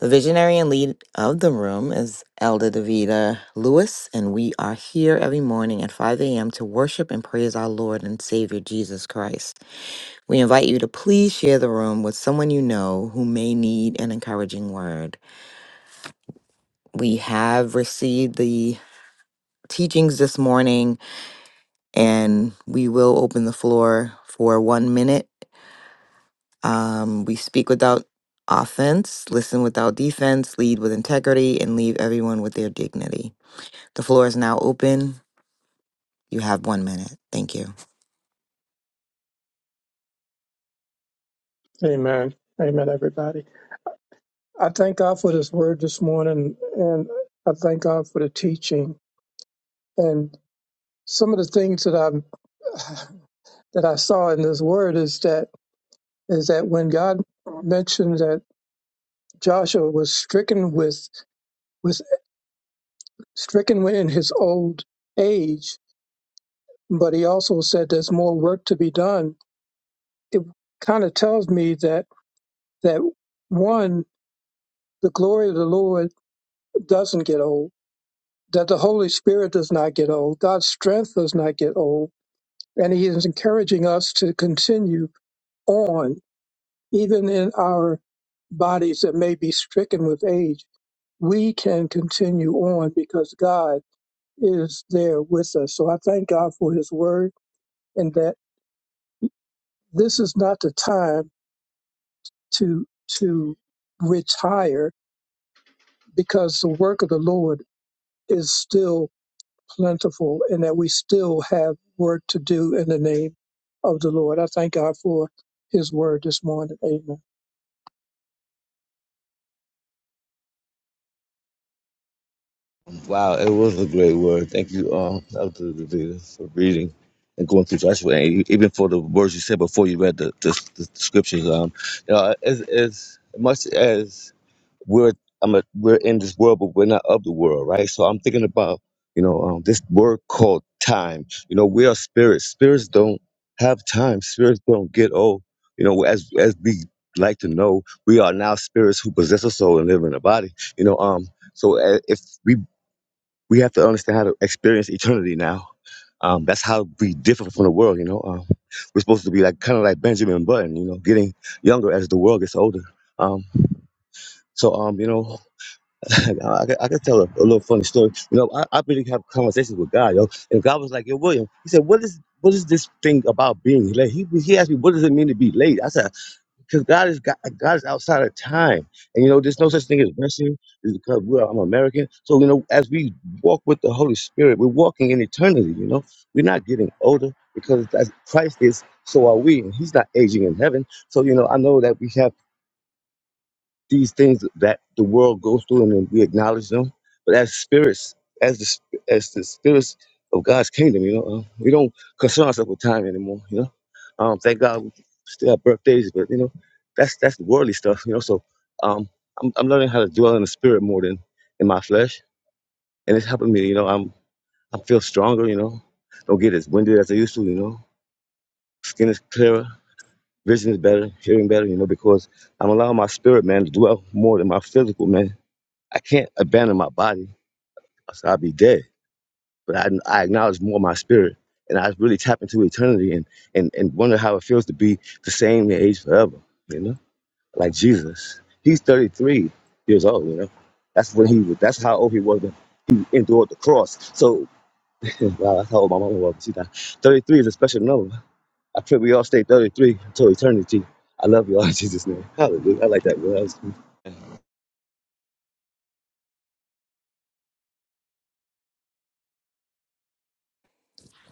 Speaker 9: The visionary and lead of the room is Elder Davida Lewis, and we are here every morning at 5 a.m. to worship and praise our Lord and Savior Jesus Christ. We invite you to please share the room with someone you know who may need an encouraging word. We have received the teachings this morning, and we will open the floor for one minute. Um, we speak without offense, listen without defense, lead with integrity, and leave everyone with their dignity. The floor is now open. You have one minute. Thank you.
Speaker 1: Amen. Amen, everybody. I thank God for this word this morning, and I thank God for the teaching. And some of the things that I <sighs> that I saw in this word is that is that when God mentioned that Joshua was stricken with with stricken in his old age, but He also said there's more work to be done it kind of tells me that that one, the glory of the Lord doesn't get old, that the Holy Spirit does not get old, God's strength does not get old, and He is encouraging us to continue on, even in our bodies that may be stricken with age. We can continue on because God is there with us. So I thank God for His Word, and that this is not the time to to retire because the work of the Lord is still plentiful and that we still have work to do in the name of the Lord. I thank God for his word this morning. Amen.
Speaker 2: Wow, it was a great word. Thank you, um, Dr. Davida, for reading and going through Joshua, and you- even for the words you said before you read the, the, the scriptures. Um, you know, as, as much as we're I'm a, we're in this world, but we're not of the world, right? So I'm thinking about you know um, this word called time. You know, we are spirits. Spirits don't have time. Spirits don't get old. You know, as as we like to know, we are now spirits who possess a soul and live in a body. You know, um, so uh, if we we have to understand how to experience eternity now. Um, that's how we differ from the world. You know, um, we're supposed to be like kind of like Benjamin Button. You know, getting younger as the world gets older. Um, so um, you know. I, could- I could tell a, a little funny story. You know, I, I really have conversations with God, yo. And God was like, "Yo, William," he said, "What is what is this thing about being late?" He he asked me, "What does it mean to be late?" I said, "Because God is God, God is outside of time, and you know, there's no such thing as resting. It's because we're I'm American, so you know, as we walk with the Holy Spirit, we're walking in eternity. You know, we're not getting older because as Christ is, so are we, and He's not aging in heaven. So you know, I know that we have." these things that the world goes through and then we acknowledge them. But as spirits, as the sp- as the spirits of God's kingdom, you know, uh, we don't concern ourselves with time anymore. You know, um, thank God we still have birthdays, but you know, that's that's worldly stuff. You know, so um, I'm I'm learning how to dwell in the spirit more than in my flesh, and it's helping me. You know, I'm I feel stronger. You know, don't get as winded as I used to. You know, skin is clearer, vision is better, hearing better. You know, because I'm allowing my spirit man to dwell more than my physical man I can't abandon my body, so I'll be dead. But I, I acknowledge more my spirit, and I really tap into eternity and, and and wonder how it feels to be the same age forever. You know, like Jesus, he's 33 years old. You know, that's when he was. That's how old he was when he endured the cross. So, <laughs> wow, that's how old my mama was. She's not 33 is a special number. I pray we all stay 33 until eternity. I love you all <laughs> in Jesus' name. Hallelujah. I like that. Word.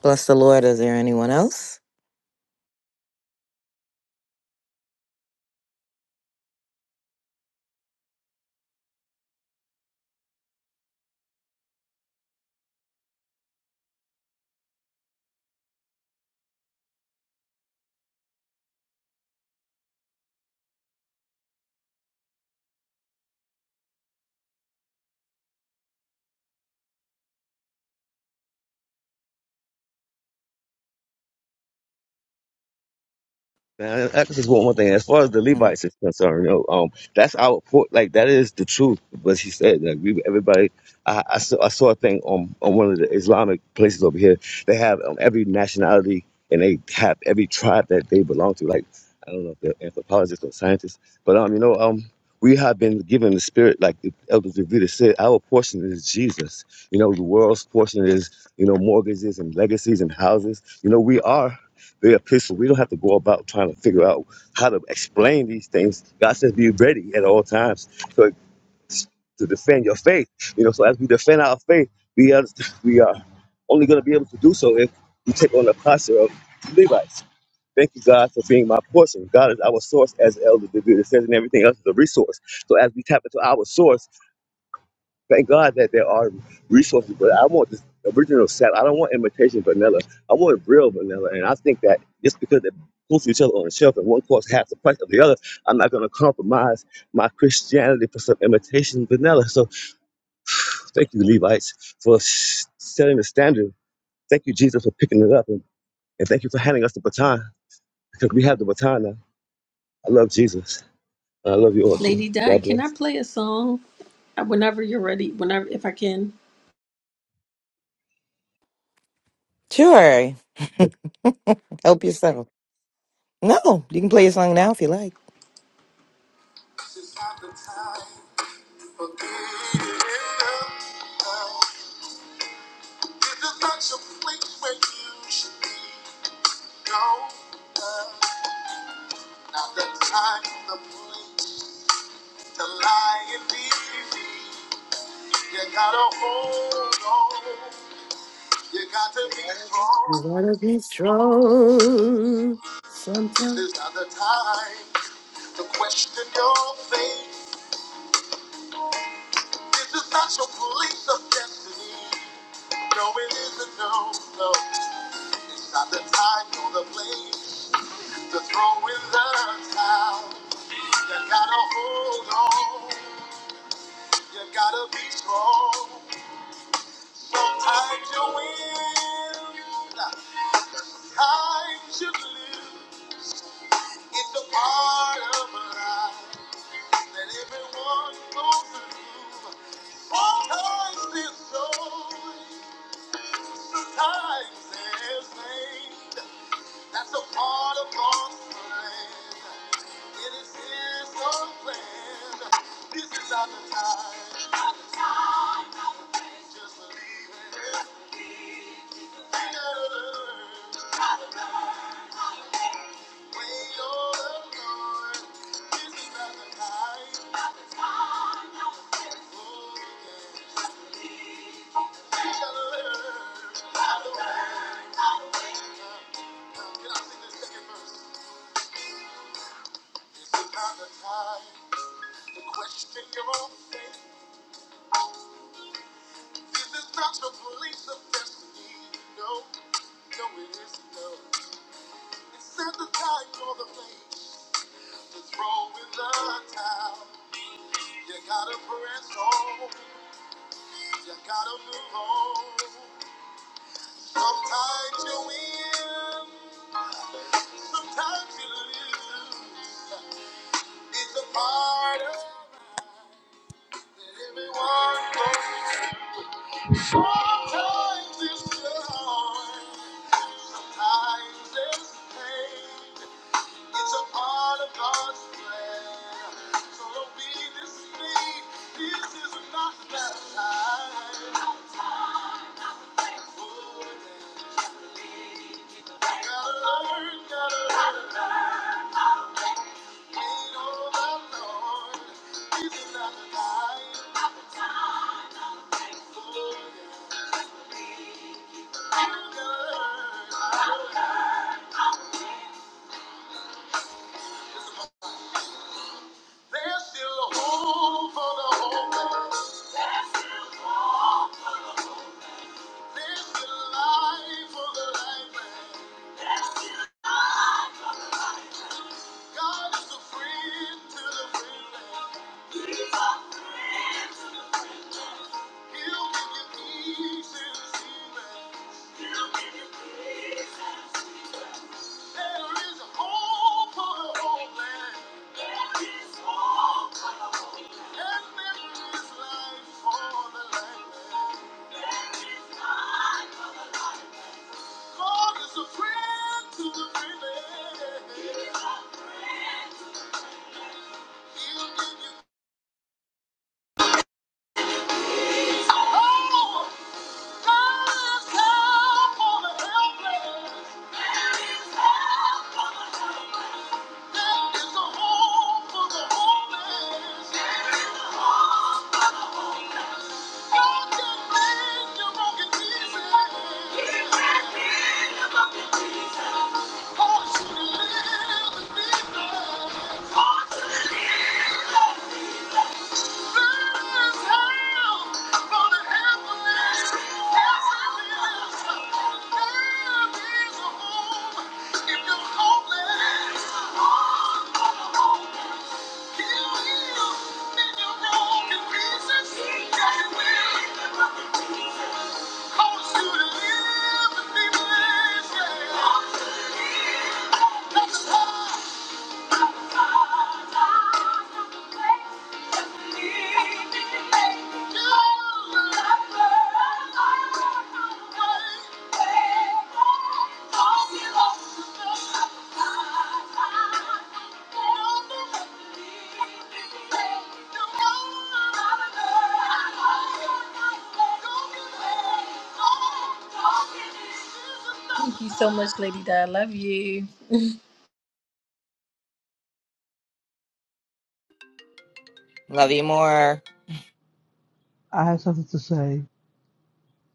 Speaker 9: Bless the Lord. Is there anyone else?
Speaker 2: Man, that's just one more thing. As far as the
Speaker 9: Mm.
Speaker 2: Levites is concerned, you know, um, that's our port. Like that is the truth. But he said, like we, everybody. I, I saw I saw a thing on on one of the Islamic places over here. They have um, every nationality and they have every tribe that they belong to. Like I don't know if they're anthropologists or scientists, but um, you know, um, we have been given the spirit, like the Elder Davida said. Our portion is Jesus. You know, the world's portion is you know mortgages and legacies and houses. You know, we are very epistle. We don't have to go about trying to figure out how to explain these things. God says, be ready at all times to, to defend your faith. You know, so as we defend our faith, we are, we are only going to be able to do so if we take on the posture of Levites. Thank you, God, for being my portion. God is our source, as Elder David says, and everything else is a resource. So as we tap into our source, Thank God that there are resources, but I want this original sap. I don't want imitation vanilla. I want real vanilla. And I think that just because they're close to each other on the shelf and one costs half the price of the other, I'm not going to compromise my Christianity for some imitation vanilla. So thank you, Levites, for s- setting the standard. Thank you, Jesus, for picking it up. And, and thank you for handing us the baton because we have the baton now. I love Jesus. I love you all too.
Speaker 5: Lady Di,
Speaker 2: God
Speaker 5: can I
Speaker 2: bless.
Speaker 5: play a song Uh, whenever you're ready? Whenever, if I can.
Speaker 9: Sure. Help yourself. No, you can play your song now if you like.
Speaker 5: This is not the time for being in love. This is not your place where you should be. No, uh, not the time, the place to lie and be me. You gotta hold on. You got to be strong.
Speaker 10: You gotta be strong
Speaker 5: This
Speaker 10: sometimes.
Speaker 5: is not the time to question your faith. This is not your place of destiny. No, it isn't, no, no. It's not the time nor the place to throw in the towel. You gotta hold on. You gotta be strong. Sometimes you win. Sometimes you lose. It's a part of life that everyone goes through. Sometimes it's joy. Sometimes there's pain. That's a part of God's plan. It is His own plan. This is not the time. Just believe it. Wait on the Lord. This is not the time. Oh, yeah. We gotta learn how to wait. Can I sing this second verse? This is not the time to question your own faith. This is not your police of destiny. No, no, it isn't. No, it's in the time for the place. It's rolling the towel. You gotta press on. You gotta move on. Sometimes you win. Sometimes you lose. It's a part of life that everyone goes through. Sometimes it's joy. It's a part of God's plan. So don't be deceived. This is not the time. Oh, yeah. Gotta learn, gotta learn. Ain't all about Lord. This is not the time. Oh, yeah. Gotta learn. There's still hope for the hopeless. There's still life for the lifeless. God is a friend to the fearless. He'll give you peace in the season. There is hope for the homeland, and there is life for the land. God is a friend to the fearless. He'll give you peace. Oh, God is help for the helpless. There is help for the helpless. If you're homeless, oh, oh, oh. Thank you. Thank you so much, Lady Di. I love you.
Speaker 9: Love you more.
Speaker 8: I have something to say.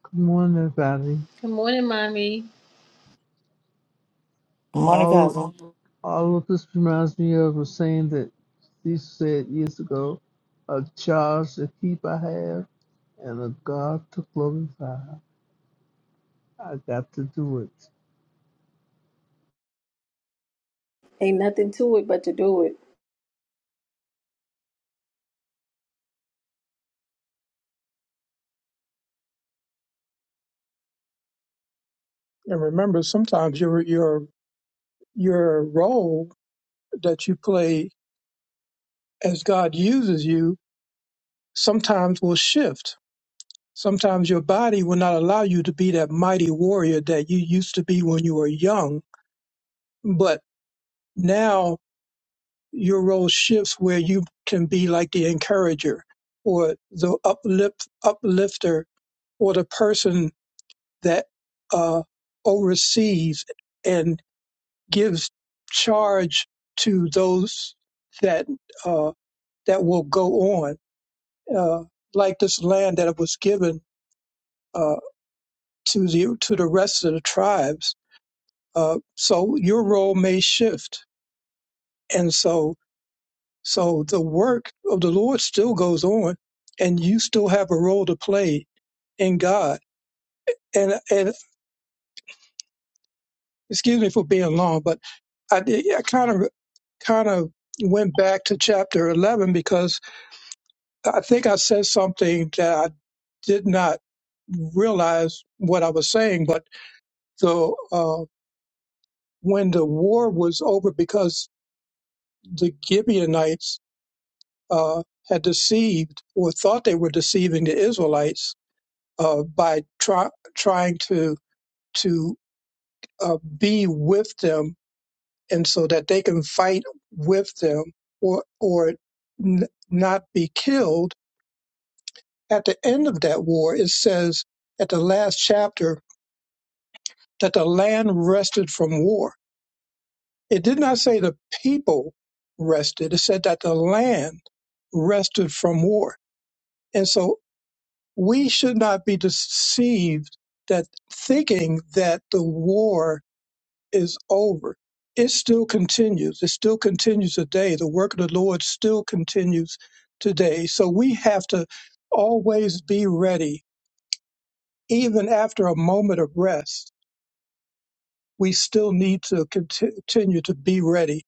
Speaker 8: Come on, everybody.
Speaker 5: Good morning, mommy.
Speaker 11: Morning,
Speaker 8: All
Speaker 11: cousin.
Speaker 8: all of this reminds me of a saying that Jesus said years ago: "A charge to keep I have, and a God to glorify. I got to do it."
Speaker 5: Ain't nothing to it but to do it.
Speaker 1: And remember, sometimes your, your, your role that you play as God uses you sometimes will shift. Sometimes your body will not allow you to be that mighty warrior that you used to be when you were young, but now your role shifts where you can be like the encourager or the uplift uplifter or the person that uh, oversees and gives charge to those that uh, that will go on uh, like this land that was given uh, to the to the rest of the tribes uh, so your role may shift and so So the work of the Lord still goes on, and you still have a role to play in God. And and excuse me for being long, but I did, I kind of kind of went back to chapter eleven because I think I said something that I did not realize what I was saying. But the uh, when the war was over, because the Gibeonites uh, had deceived or thought they were deceiving the Israelites uh, by try, trying to to uh, be with them, and so that they can fight with them, or or n- not be killed. At the end of that war, it says at the last chapter that the land rested from war. It did not say the people rested. It said that the land rested from war, and so we should not be deceived that thinking that the war is over. It still continues. It still continues today. The work of the Lord still continues today. So we have to always be ready. Even after a moment of rest, we still need to conti- continue to be ready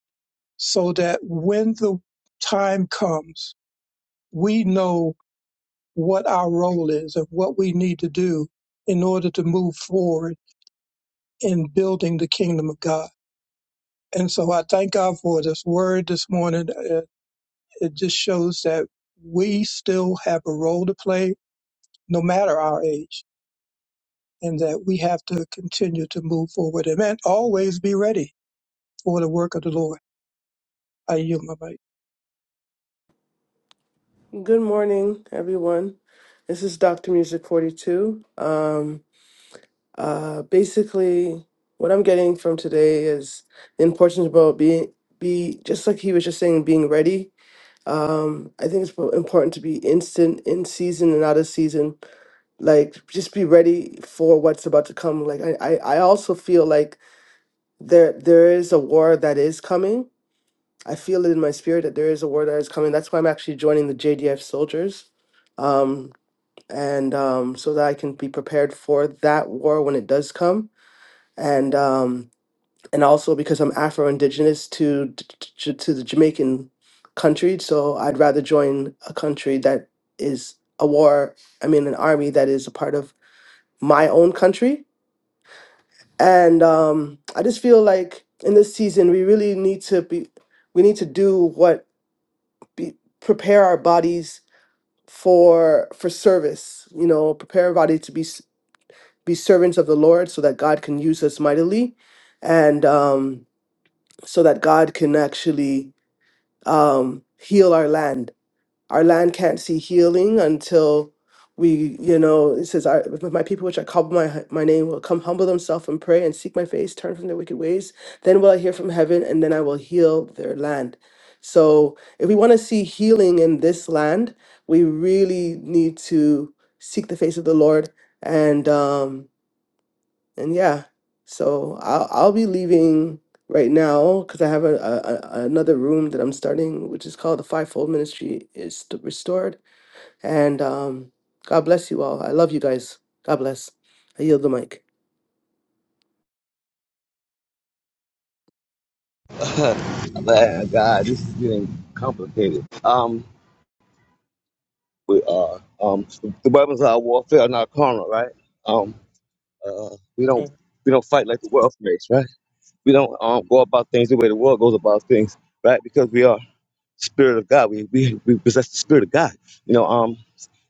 Speaker 1: so that when the time comes, we know what our role is and what we need to do in order to move forward in building the kingdom of God. And so I thank God for this word this morning. uh, it just shows that we still have a role to play no matter our age and that we have to continue to move forward and then always be ready for the work of the Lord. I yield my mic.
Speaker 10: Good morning, everyone. This is Dr. Music 42. Um, uh, basically, what I'm getting from today is the importance about being, be just like he was just saying, being ready. Um, I think it's po- important to be instant in season and out of season. Like, just be ready for what's about to come. Like, I, I, I also feel like there there is a war that is coming I feel it in my spirit that there is a war that is coming. That's why I'm actually joining the JDF soldiers. Um, and um, so that I can be prepared for that war when it does come. And um, and also because I'm Afro Indigenous to, to to the Jamaican country, so I'd rather join a country that is a war. I mean, an army that is a part of my own country. And um, I just feel like in this season we really need to be we need to do what be, prepare our bodies for for service you know prepare our body to be s- be servants of the lord so that god can use us mightily and um so that god can actually um heal our land our land can't see healing until we, you know, it says, I, if my people which I call by my, my name will come humble themselves and pray and seek my face, turn from their wicked ways. Then will I hear from heaven and then I will heal their land. So if we want to see healing in this land, we really need to seek the face of the Lord. And, um, and yeah, so I'll, I'll be leaving right now because I have a, a, a- another room that I'm starting, which is called the Fivefold Ministry is Restored and um, God bless you all. I love you guys. God bless. I yield the mic.
Speaker 2: <laughs> Man, God, this is getting complicated. Um, We are um, the weapons of our warfare are not carnal, right? Um, uh, we don't
Speaker 1: Amen.
Speaker 2: we don't fight like the world fights, right? We don't um, go about things the way the world goes about things, right? Because we are spirit of God. We we, we possess the spirit of God. You know, um,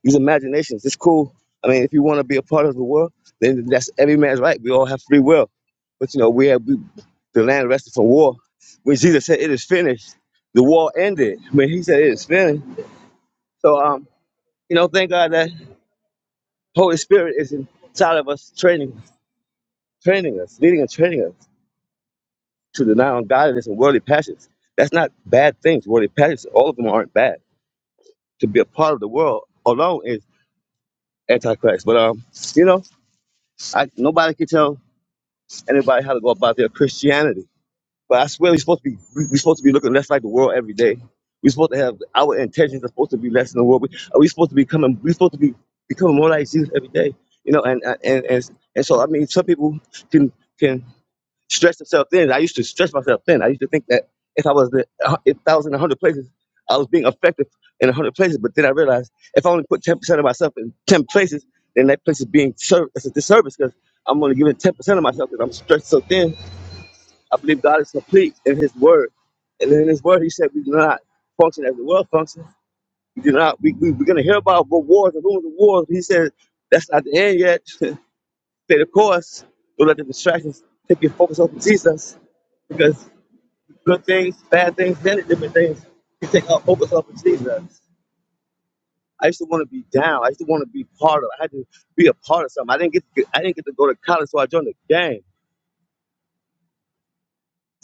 Speaker 2: these imaginations. It's cool. I mean, if you want to be a part of the world, then that's every man's right. We all have free will. But you know, we have we, the land rested from war. When Jesus said it is finished, the war ended. When he said it is finished. So um, you know, thank God that. Holy Spirit is inside of us, training, training us, leading and training us to deny ungodliness and worldly passions. That's not bad things. Worldly passions, all of them aren't bad. To be a part of the world alone is antichrist. But um, you know, I, nobody can tell anybody how to go about their Christianity. But I swear, we're supposed to be we- we're supposed to be looking less like the world every day. We're supposed to have our intentions are supposed to be less than the world. We, are we supposed to be coming? We're supposed to be becoming more like Jesus every day. You know, and and and and so I mean, some people can can. stretch yourself thin. I used to stretch myself thin. I used to think that if I was the, uh, if I was in a hundred places, I was being effective in a hundred places. But then I realized if I only put ten percent of myself in ten places, then that place is being served as a disservice because I'm only giving ten percent of myself because I'm stretched so thin. I believe God is complete in His Word, and in His Word He said we do not function as the world functions. We do not. We, we we're gonna hear about rewards and rumors of wars. He said that's not the end yet. <laughs> Stay the course. Don't let the distractions take your focus off of Jesus because good things, bad things, many different things. You take our focus off of Jesus. I used to want to be down. I used to want to be part of. I had to be a part of something. I didn't get. To, I didn't get to go to college, so I joined the gang.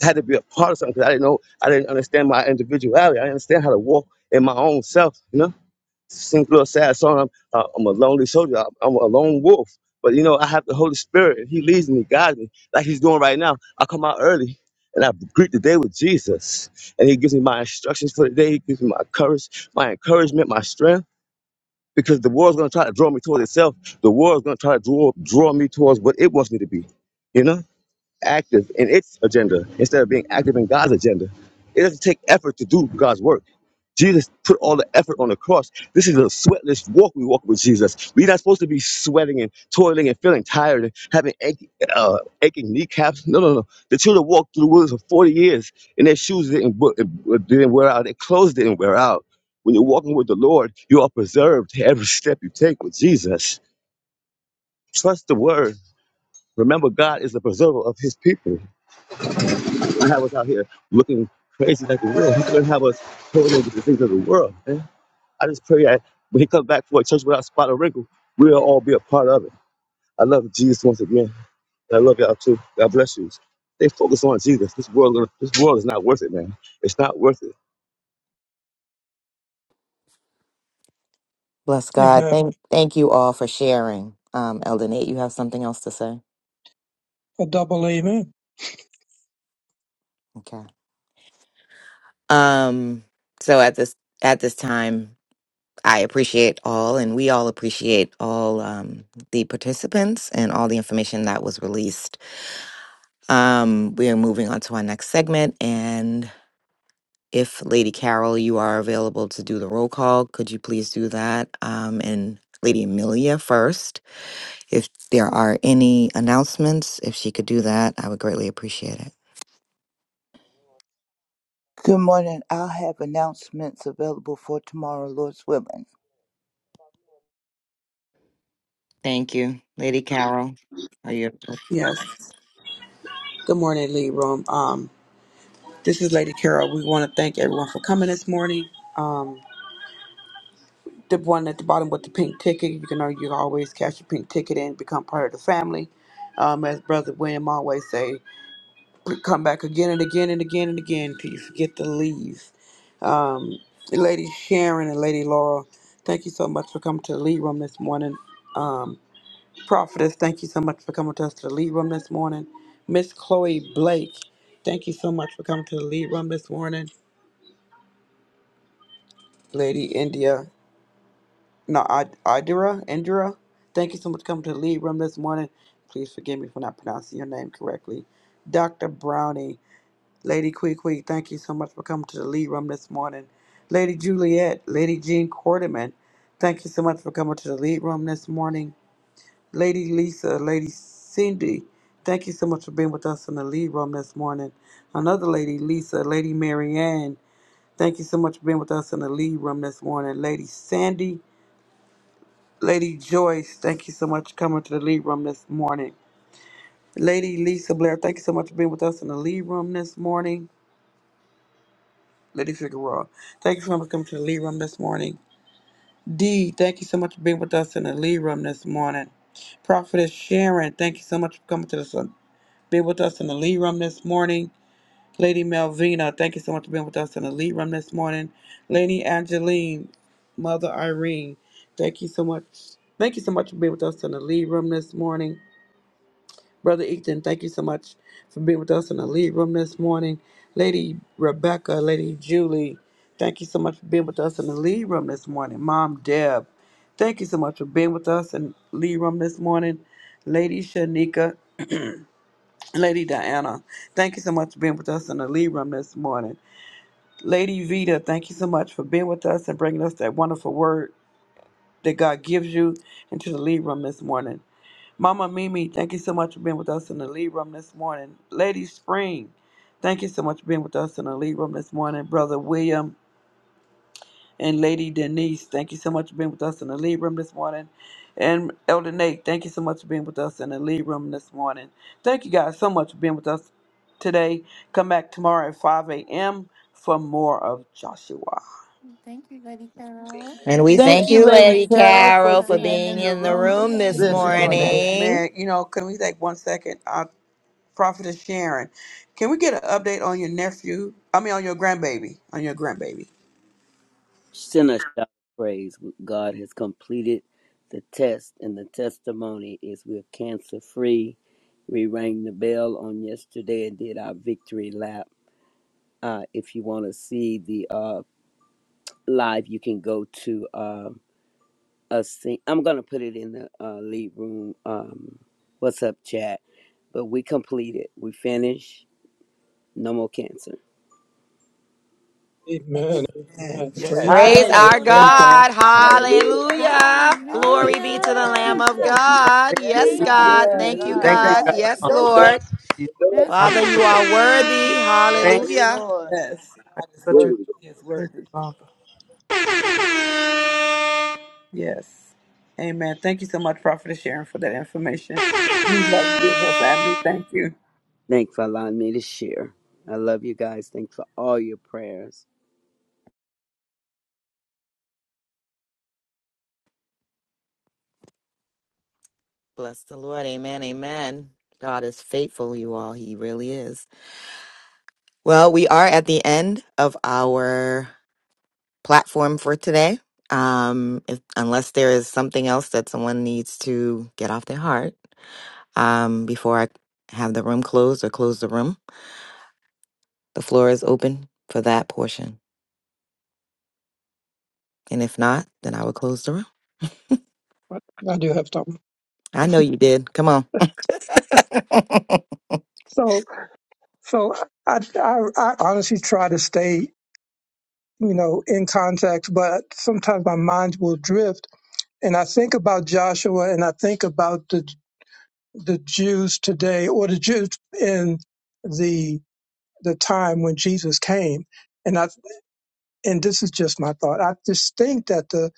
Speaker 2: I had to be a part of something because I didn't know. I didn't understand my individuality. I didn't understand how to walk in my own self. You know. sing a little sad song. I'm, uh, I'm a lonely soldier. I'm, I'm a lone wolf. But you know, I have the Holy Spirit, and He leads me, guides me, like He's doing right now. I come out early and I greet the day with Jesus, and He gives me my instructions for the day. He gives me my courage, my encouragement, my strength. Because the world's gonna try to draw me towards itself. The world's gonna try to draw draw me towards what it wants me to be. You know active in its agenda instead of being active in God's agenda. It doesn't take effort to do God's work. Jesus put all the effort on the cross. This is a sweatless walk we walk with Jesus. We're not supposed to be sweating and toiling and feeling tired and having aching, uh, aching kneecaps. No, no, no. The children walked through the woods for 40 years and their shoes didn't, wo- didn't wear out, their clothes didn't wear out. When you're walking with the Lord, you are preserved every step you take with Jesus. Trust the word. Remember, God is the preserver of his people and have us out here looking crazy like the world. He couldn't have us holding on to the things of the world, man. I just pray that when he comes back for a church without spot or wrinkle, we'll all be a part of it. I love Jesus once again. I love y'all too. God bless you. Stay focused on Jesus. This world, gonna- this world is not worth it, man. It's not worth it.
Speaker 9: Bless God.
Speaker 1: Amen.
Speaker 9: Thank thank you all for sharing. Um, Elder Nate, you have something else to say?
Speaker 1: A double amen.
Speaker 9: Okay. Um, so at this at this time, I appreciate all and we all appreciate all um the participants and all the information that was released. Um, we are moving on to our next segment and if Lady Carol, you are available to do the roll call, could you please do that? Um, and Lady Amelia first. If there are any announcements, if she could do that, I would greatly appreciate it.
Speaker 6: Good morning. I'll have announcements available for tomorrow, Lord's willing.
Speaker 9: Thank you, Lady Carol. Are you?
Speaker 4: Yes. Good morning, Libram. Um, This is Lady Carol. We want to thank everyone for coming this morning. Um, the one at the bottom with the pink ticket, you can know you can always cash your pink ticket in, become part of the family. Um, as Brother William always say, come back again and again and again and again until you forget to leave. Um, Lady Sharon and Lady Laura, thank you so much for coming to the lead room this morning. Um, Prophetess, thank you so much for coming to us to the lead room this morning. Miss Chloe Blake, thank you so much for coming to the lead room this morning. Lady India, No, I, Idira, Indira, thank you so much for coming to the lead room this morning. Please forgive me for not pronouncing your name correctly. Dr. Brownie, Lady Quee thank you so much for coming to the lead room this morning. Lady Juliet, Lady Jean Quarterman, thank you so much for coming to the lead room this morning. Lady Lisa, Lady Cindy, thank you so much for being with us in the lead room this morning. Another lady, Lisa, Lady Marianne, thank you so much for being with us in the lead room this morning. Lady Sandy, Lady Joyce, thank you so much for coming to the lead room this morning. Lady Lisa Blair, thank you so much for being with us in the lead room this morning. Lady Figueroa, thank you so much for coming to the lead room this morning. Dee, thank you so much for being with us in the lead room this morning. Prophetess Sharon, thank you so much for coming to the sun. Being with us in the lead room this morning. Lady Melvina, thank you so much for being with us in the lead room this morning. Lady Angeline, Mother Irene, thank you so much. Thank you so much for being with us in the lead room this morning. Brother Ethan, thank you so much for being with us in the lead room this morning. Lady Rebecca, Lady Julie, thank you so much for being with us in the lead room this morning. Mom Deb, thank you so much for being with us in the lead room this morning. Lady Shanika, Lady Diana, thank you so much for being with us in the lead room this morning. Lady Vita, thank you so much for being with us and bringing us that wonderful word that God gives you into the lead room this morning. Mama Mimi, thank you so much for being with us in the lead room this morning. Lady Spring, thank you so much for being with us in the lead room this morning. Brother William and Lady Denise, thank you so much for being with us in the lead room this morning. And Elder Nate, thank you so much for being with us in the lead room this morning. Thank you guys so much for being with us today. Come back tomorrow at 5 a.m. for more of Joshua.
Speaker 12: Thank you, Buddy Carol,
Speaker 9: And we
Speaker 2: Uh,
Speaker 6: Thank
Speaker 9: thank
Speaker 6: you,
Speaker 9: you,
Speaker 6: Lady
Speaker 9: Lady
Speaker 6: Carol, for
Speaker 9: Carol,
Speaker 12: with
Speaker 9: for
Speaker 12: us
Speaker 6: being
Speaker 9: being
Speaker 6: in
Speaker 12: this
Speaker 6: the
Speaker 9: in the
Speaker 6: room
Speaker 9: room
Speaker 6: this,
Speaker 9: this
Speaker 6: this
Speaker 1: Amen.
Speaker 12: morning.
Speaker 6: morning.
Speaker 9: morning.
Speaker 4: Man, you know, can we take one second? Prophetess Sharon, can we get an update on your nephew? I mean, on your grandbaby. On your grandbaby.
Speaker 13: Send a shout of praise. God has completed the test, and the testimony is we're cancer free. We rang the bell on yesterday and did our victory lap. Uh, if you want to see the uh, live, you can go to uh, us. Sing- I'm going to put it in the uh, lead room. Um, what's up, chat? But we completed. We finished. No more cancer.
Speaker 1: Amen.
Speaker 4: Amen.
Speaker 1: Amen.
Speaker 4: Yes.
Speaker 1: Praise
Speaker 9: Praise
Speaker 1: God.
Speaker 9: our
Speaker 1: Praise
Speaker 6: Hallelujah!
Speaker 1: God.
Speaker 9: God.
Speaker 6: Hallelujah!
Speaker 9: Hallelujah. Glory be to the
Speaker 6: Hallelujah!
Speaker 9: Lamb of
Speaker 12: Hallelujah.
Speaker 14: Amen.
Speaker 9: God.
Speaker 14: Thank
Speaker 6: Yes,
Speaker 14: you,
Speaker 9: Yes,
Speaker 14: Jesus.
Speaker 12: Thank
Speaker 6: God.
Speaker 12: you,
Speaker 9: God.
Speaker 6: Yes,
Speaker 4: Yes.
Speaker 9: Thank you,
Speaker 4: Look
Speaker 6: God.
Speaker 14: Thank
Speaker 4: at
Speaker 14: you,
Speaker 4: God.
Speaker 9: God.
Speaker 14: God,
Speaker 12: Jesus.
Speaker 9: Yes,
Speaker 14: Father.
Speaker 4: Go God.
Speaker 9: Lord.
Speaker 12: That's
Speaker 9: Father, you
Speaker 14: Hallelujah.
Speaker 9: are
Speaker 12: good.
Speaker 9: worthy.
Speaker 14: Thank
Speaker 6: Yes,
Speaker 9: Hallelujah.
Speaker 6: Lord.
Speaker 4: Yes.
Speaker 14: you.
Speaker 4: God is
Speaker 2: uh,
Speaker 14: Such a
Speaker 4: worthy. He is
Speaker 14: thank you,
Speaker 4: worthy.
Speaker 14: Father.
Speaker 4: Yes. Amen. Thank you so much, Prophetess Sharon, for that information. We love you and your family. Thank you.
Speaker 13: Thanks for allowing me to share. I love you guys. Thanks for all your prayers.
Speaker 9: Bless the Lord. Amen. Amen. God is faithful, you all. He really is. Well, we are at the end of our platform for today. Um, if, unless there is something else that someone needs to get off their heart um, before I have the room closed or close the room, the floor is open for that portion. And if not, then I will close the room. <laughs>
Speaker 1: But I do have something.
Speaker 9: I know you did. Come on.
Speaker 1: <laughs>
Speaker 9: <laughs>
Speaker 1: So, so I, I, I honestly try to stay, you know, in context, but sometimes my mind will drift and I think about Joshua and I think about the the Jews today or the Jews in the the time when Jesus came and I and this is just my thought I just think that the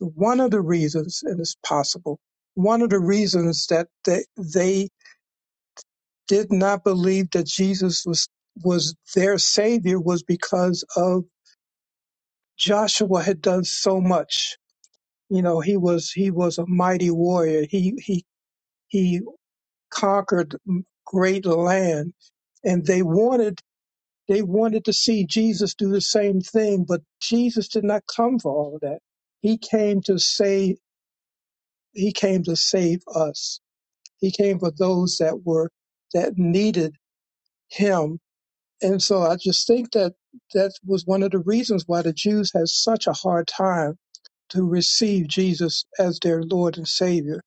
Speaker 1: one of the reasons and it's possible one of the reasons that they, they did not believe that Jesus was was their savior was because of Joshua had done so much you know he was he was a mighty warrior he he he conquered great land and they wanted they wanted to see Jesus do the same thing but Jesus did not come for all of that he came to save he came to save us he came for those that were that needed him and so I just think that that was one of the reasons why the Jews had such a hard time to receive Jesus as their Lord and Savior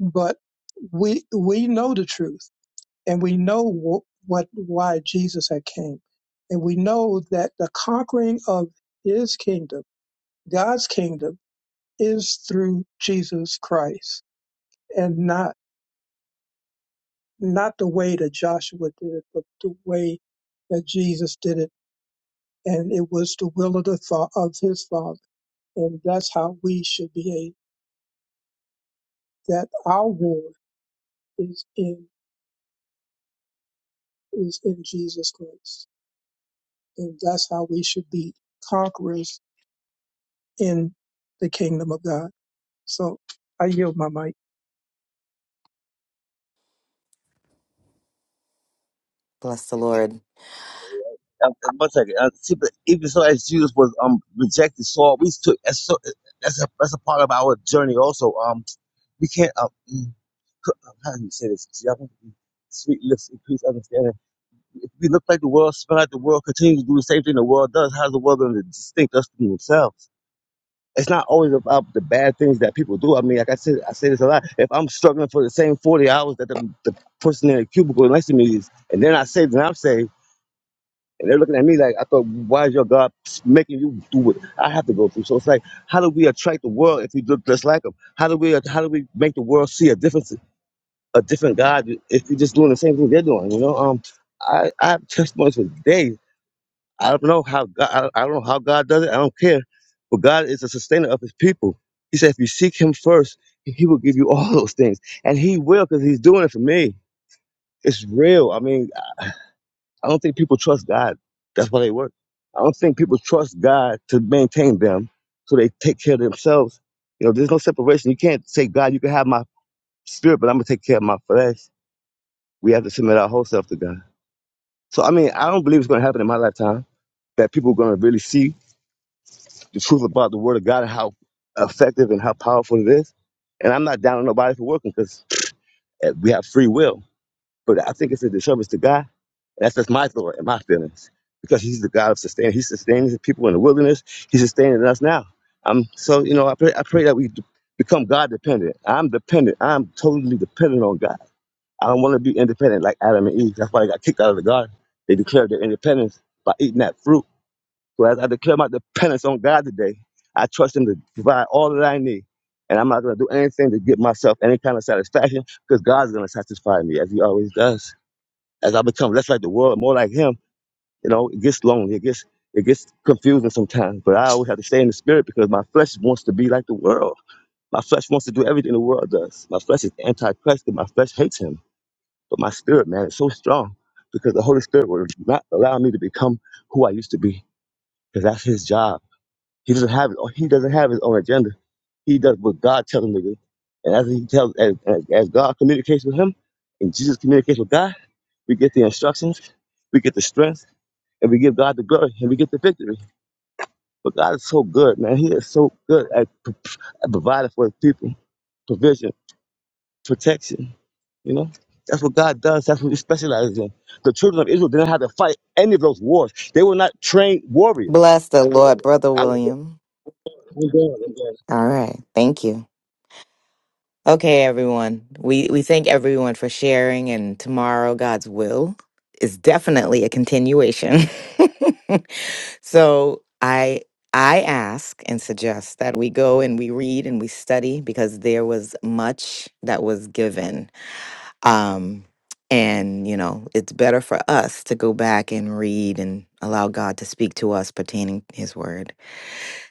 Speaker 1: but we we know the truth and we know wh- what why Jesus had came, and we know that the conquering of His kingdom, God's kingdom, is through Jesus Christ, and not not the way that Joshua did it, but the way that Jesus did it, and it was the will of the fa- of His Father, and that's how we should behave. That our war is in is in Jesus Christ, and that's how we should be conquerors in the kingdom of God. So I yield my mic.
Speaker 9: Bless the Lord.
Speaker 2: One second. Uh, see, but even so, as Jesus was um rejected, so we took as so that's a that's a part of our journey also. Um, we can't um mm, c- how do you say this? Sweet lips increase understanding If we look like the world, spin like the world, continues to do the same thing the world does, how's the world going to distinct us from themselves? It's not always about the bad things that people do. I mean, like I said, I say this a lot. If I'm struggling for the same 40 hours that the, the person in the cubicle next to me is, and they're not saved, and I'm saved, and they're looking at me like, I thought, why is your God making you do what I have to go through? So it's like, how do we attract the world if we look just like them? How do we, how do we make the world see a difference, a different God if we're just doing the same thing they're doing? You know, um, I, I have testimonies for days. I don't know how God, I, I don't know how God does it. I don't care, but God is a sustainer of His people. He said, if you seek Him first, He will give you all those things, and He will because He's doing it for me. It's real. I mean, I don't think people trust God. That's why they work. I don't think people trust God to maintain them, so they take care of themselves. You know, there's no separation. You can't say, God, you can have my spirit, but I'm gonna take care of my flesh. We have to submit our whole self to God. So I mean, I don't believe it's gonna happen in my lifetime that people are gonna really see the truth about the word of God and how effective and how powerful it is. And I'm not down on nobody for working because we have free will. But I think it's a disservice to God. And that's just my thought and my feelings because He's the God of sustain. He sustains the people in the wilderness. He's sustaining us now. Um, so you know, I pray, I pray that we d- become God dependent. I'm dependent. I'm totally dependent on God. I don't want to be independent like Adam and Eve. That's why they got kicked out of the garden. They declared their independence by eating that fruit so as I declare my dependence on God today, I trust Him to provide all that I need. And I'm not going to do anything to get myself any kind of satisfaction because God's going to satisfy me as He always does. As I become less like the world, more like Him, you know, it gets lonely. It gets it gets confusing sometimes. But I always have to stay in the spirit because my flesh wants to be like the world. My flesh wants to do everything the world does. My flesh is anti-Christ and my flesh hates Him. But my spirit, man, is so strong because the Holy Spirit will not allow me to become who I used to be because that's His job he doesn't have it. he doesn't have his own agenda. He does what God tells him to do. And as he tells as, as as God communicates with him and Jesus communicates with God, we get the instructions, we get the strength, and we give God the glory and we get the victory. But God is so good, man. He is so good at, p- at providing for his people, provision, protection, you know? That's what God does. That's what he specializes in. The children of Israel didn't have to fight any of those wars. They were not trained warriors.
Speaker 9: Bless the Lord, Brother
Speaker 2: I, I'm
Speaker 9: William.
Speaker 2: going, I'm going.
Speaker 9: All right. Thank you. Okay, everyone. We we thank everyone for sharing and tomorrow God's will is definitely a continuation. <laughs> so, I I ask and suggest that we go and we read and we study because there was much that was given. Um and, you know, it's better for us to go back and read and allow God to speak to us pertaining his word.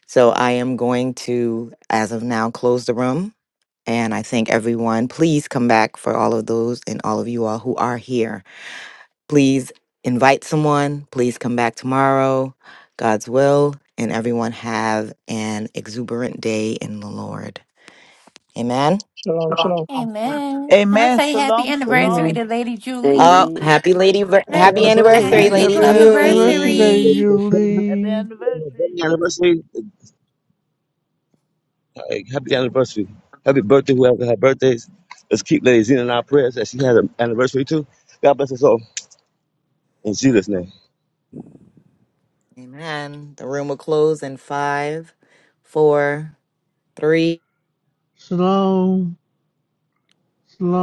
Speaker 9: So, I am going to as of now close the room and I thank everyone. Please come back for all of those and all of you all who are here. Please invite someone. Please come back tomorrow. God's will. And everyone have an exuberant day in the Lord. Amen.
Speaker 1: Shalom, shalom.
Speaker 12: Amen. Can I
Speaker 6: Amen.
Speaker 12: say happy
Speaker 6: Shalom,
Speaker 15: Amen.
Speaker 12: anniversary
Speaker 6: shalom.
Speaker 12: to Lady
Speaker 9: Oh,
Speaker 12: Julie?
Speaker 13: Amen.
Speaker 9: happy lady, ver-
Speaker 2: The
Speaker 12: Ha-
Speaker 1: Happy
Speaker 9: happy
Speaker 2: anniversary.
Speaker 9: anniversary,
Speaker 1: anniversary.
Speaker 12: Happy
Speaker 9: Lady
Speaker 8: Happy
Speaker 12: club
Speaker 6: Happy,
Speaker 8: anniversary,
Speaker 9: Julie.
Speaker 8: Lady
Speaker 12: anniversary.
Speaker 6: happy
Speaker 8: Julie.
Speaker 2: Wedding
Speaker 6: anniversary.
Speaker 2: anniversary. Hey, Happy anniversary. Happy birthday, whoever had birthdays. Let's keep Lady Zena in our prayers that she has an anniversary too. God bless us all. In Jesus' name.
Speaker 9: Amen. The room will close in five, four, three.
Speaker 8: Shalom, shalom.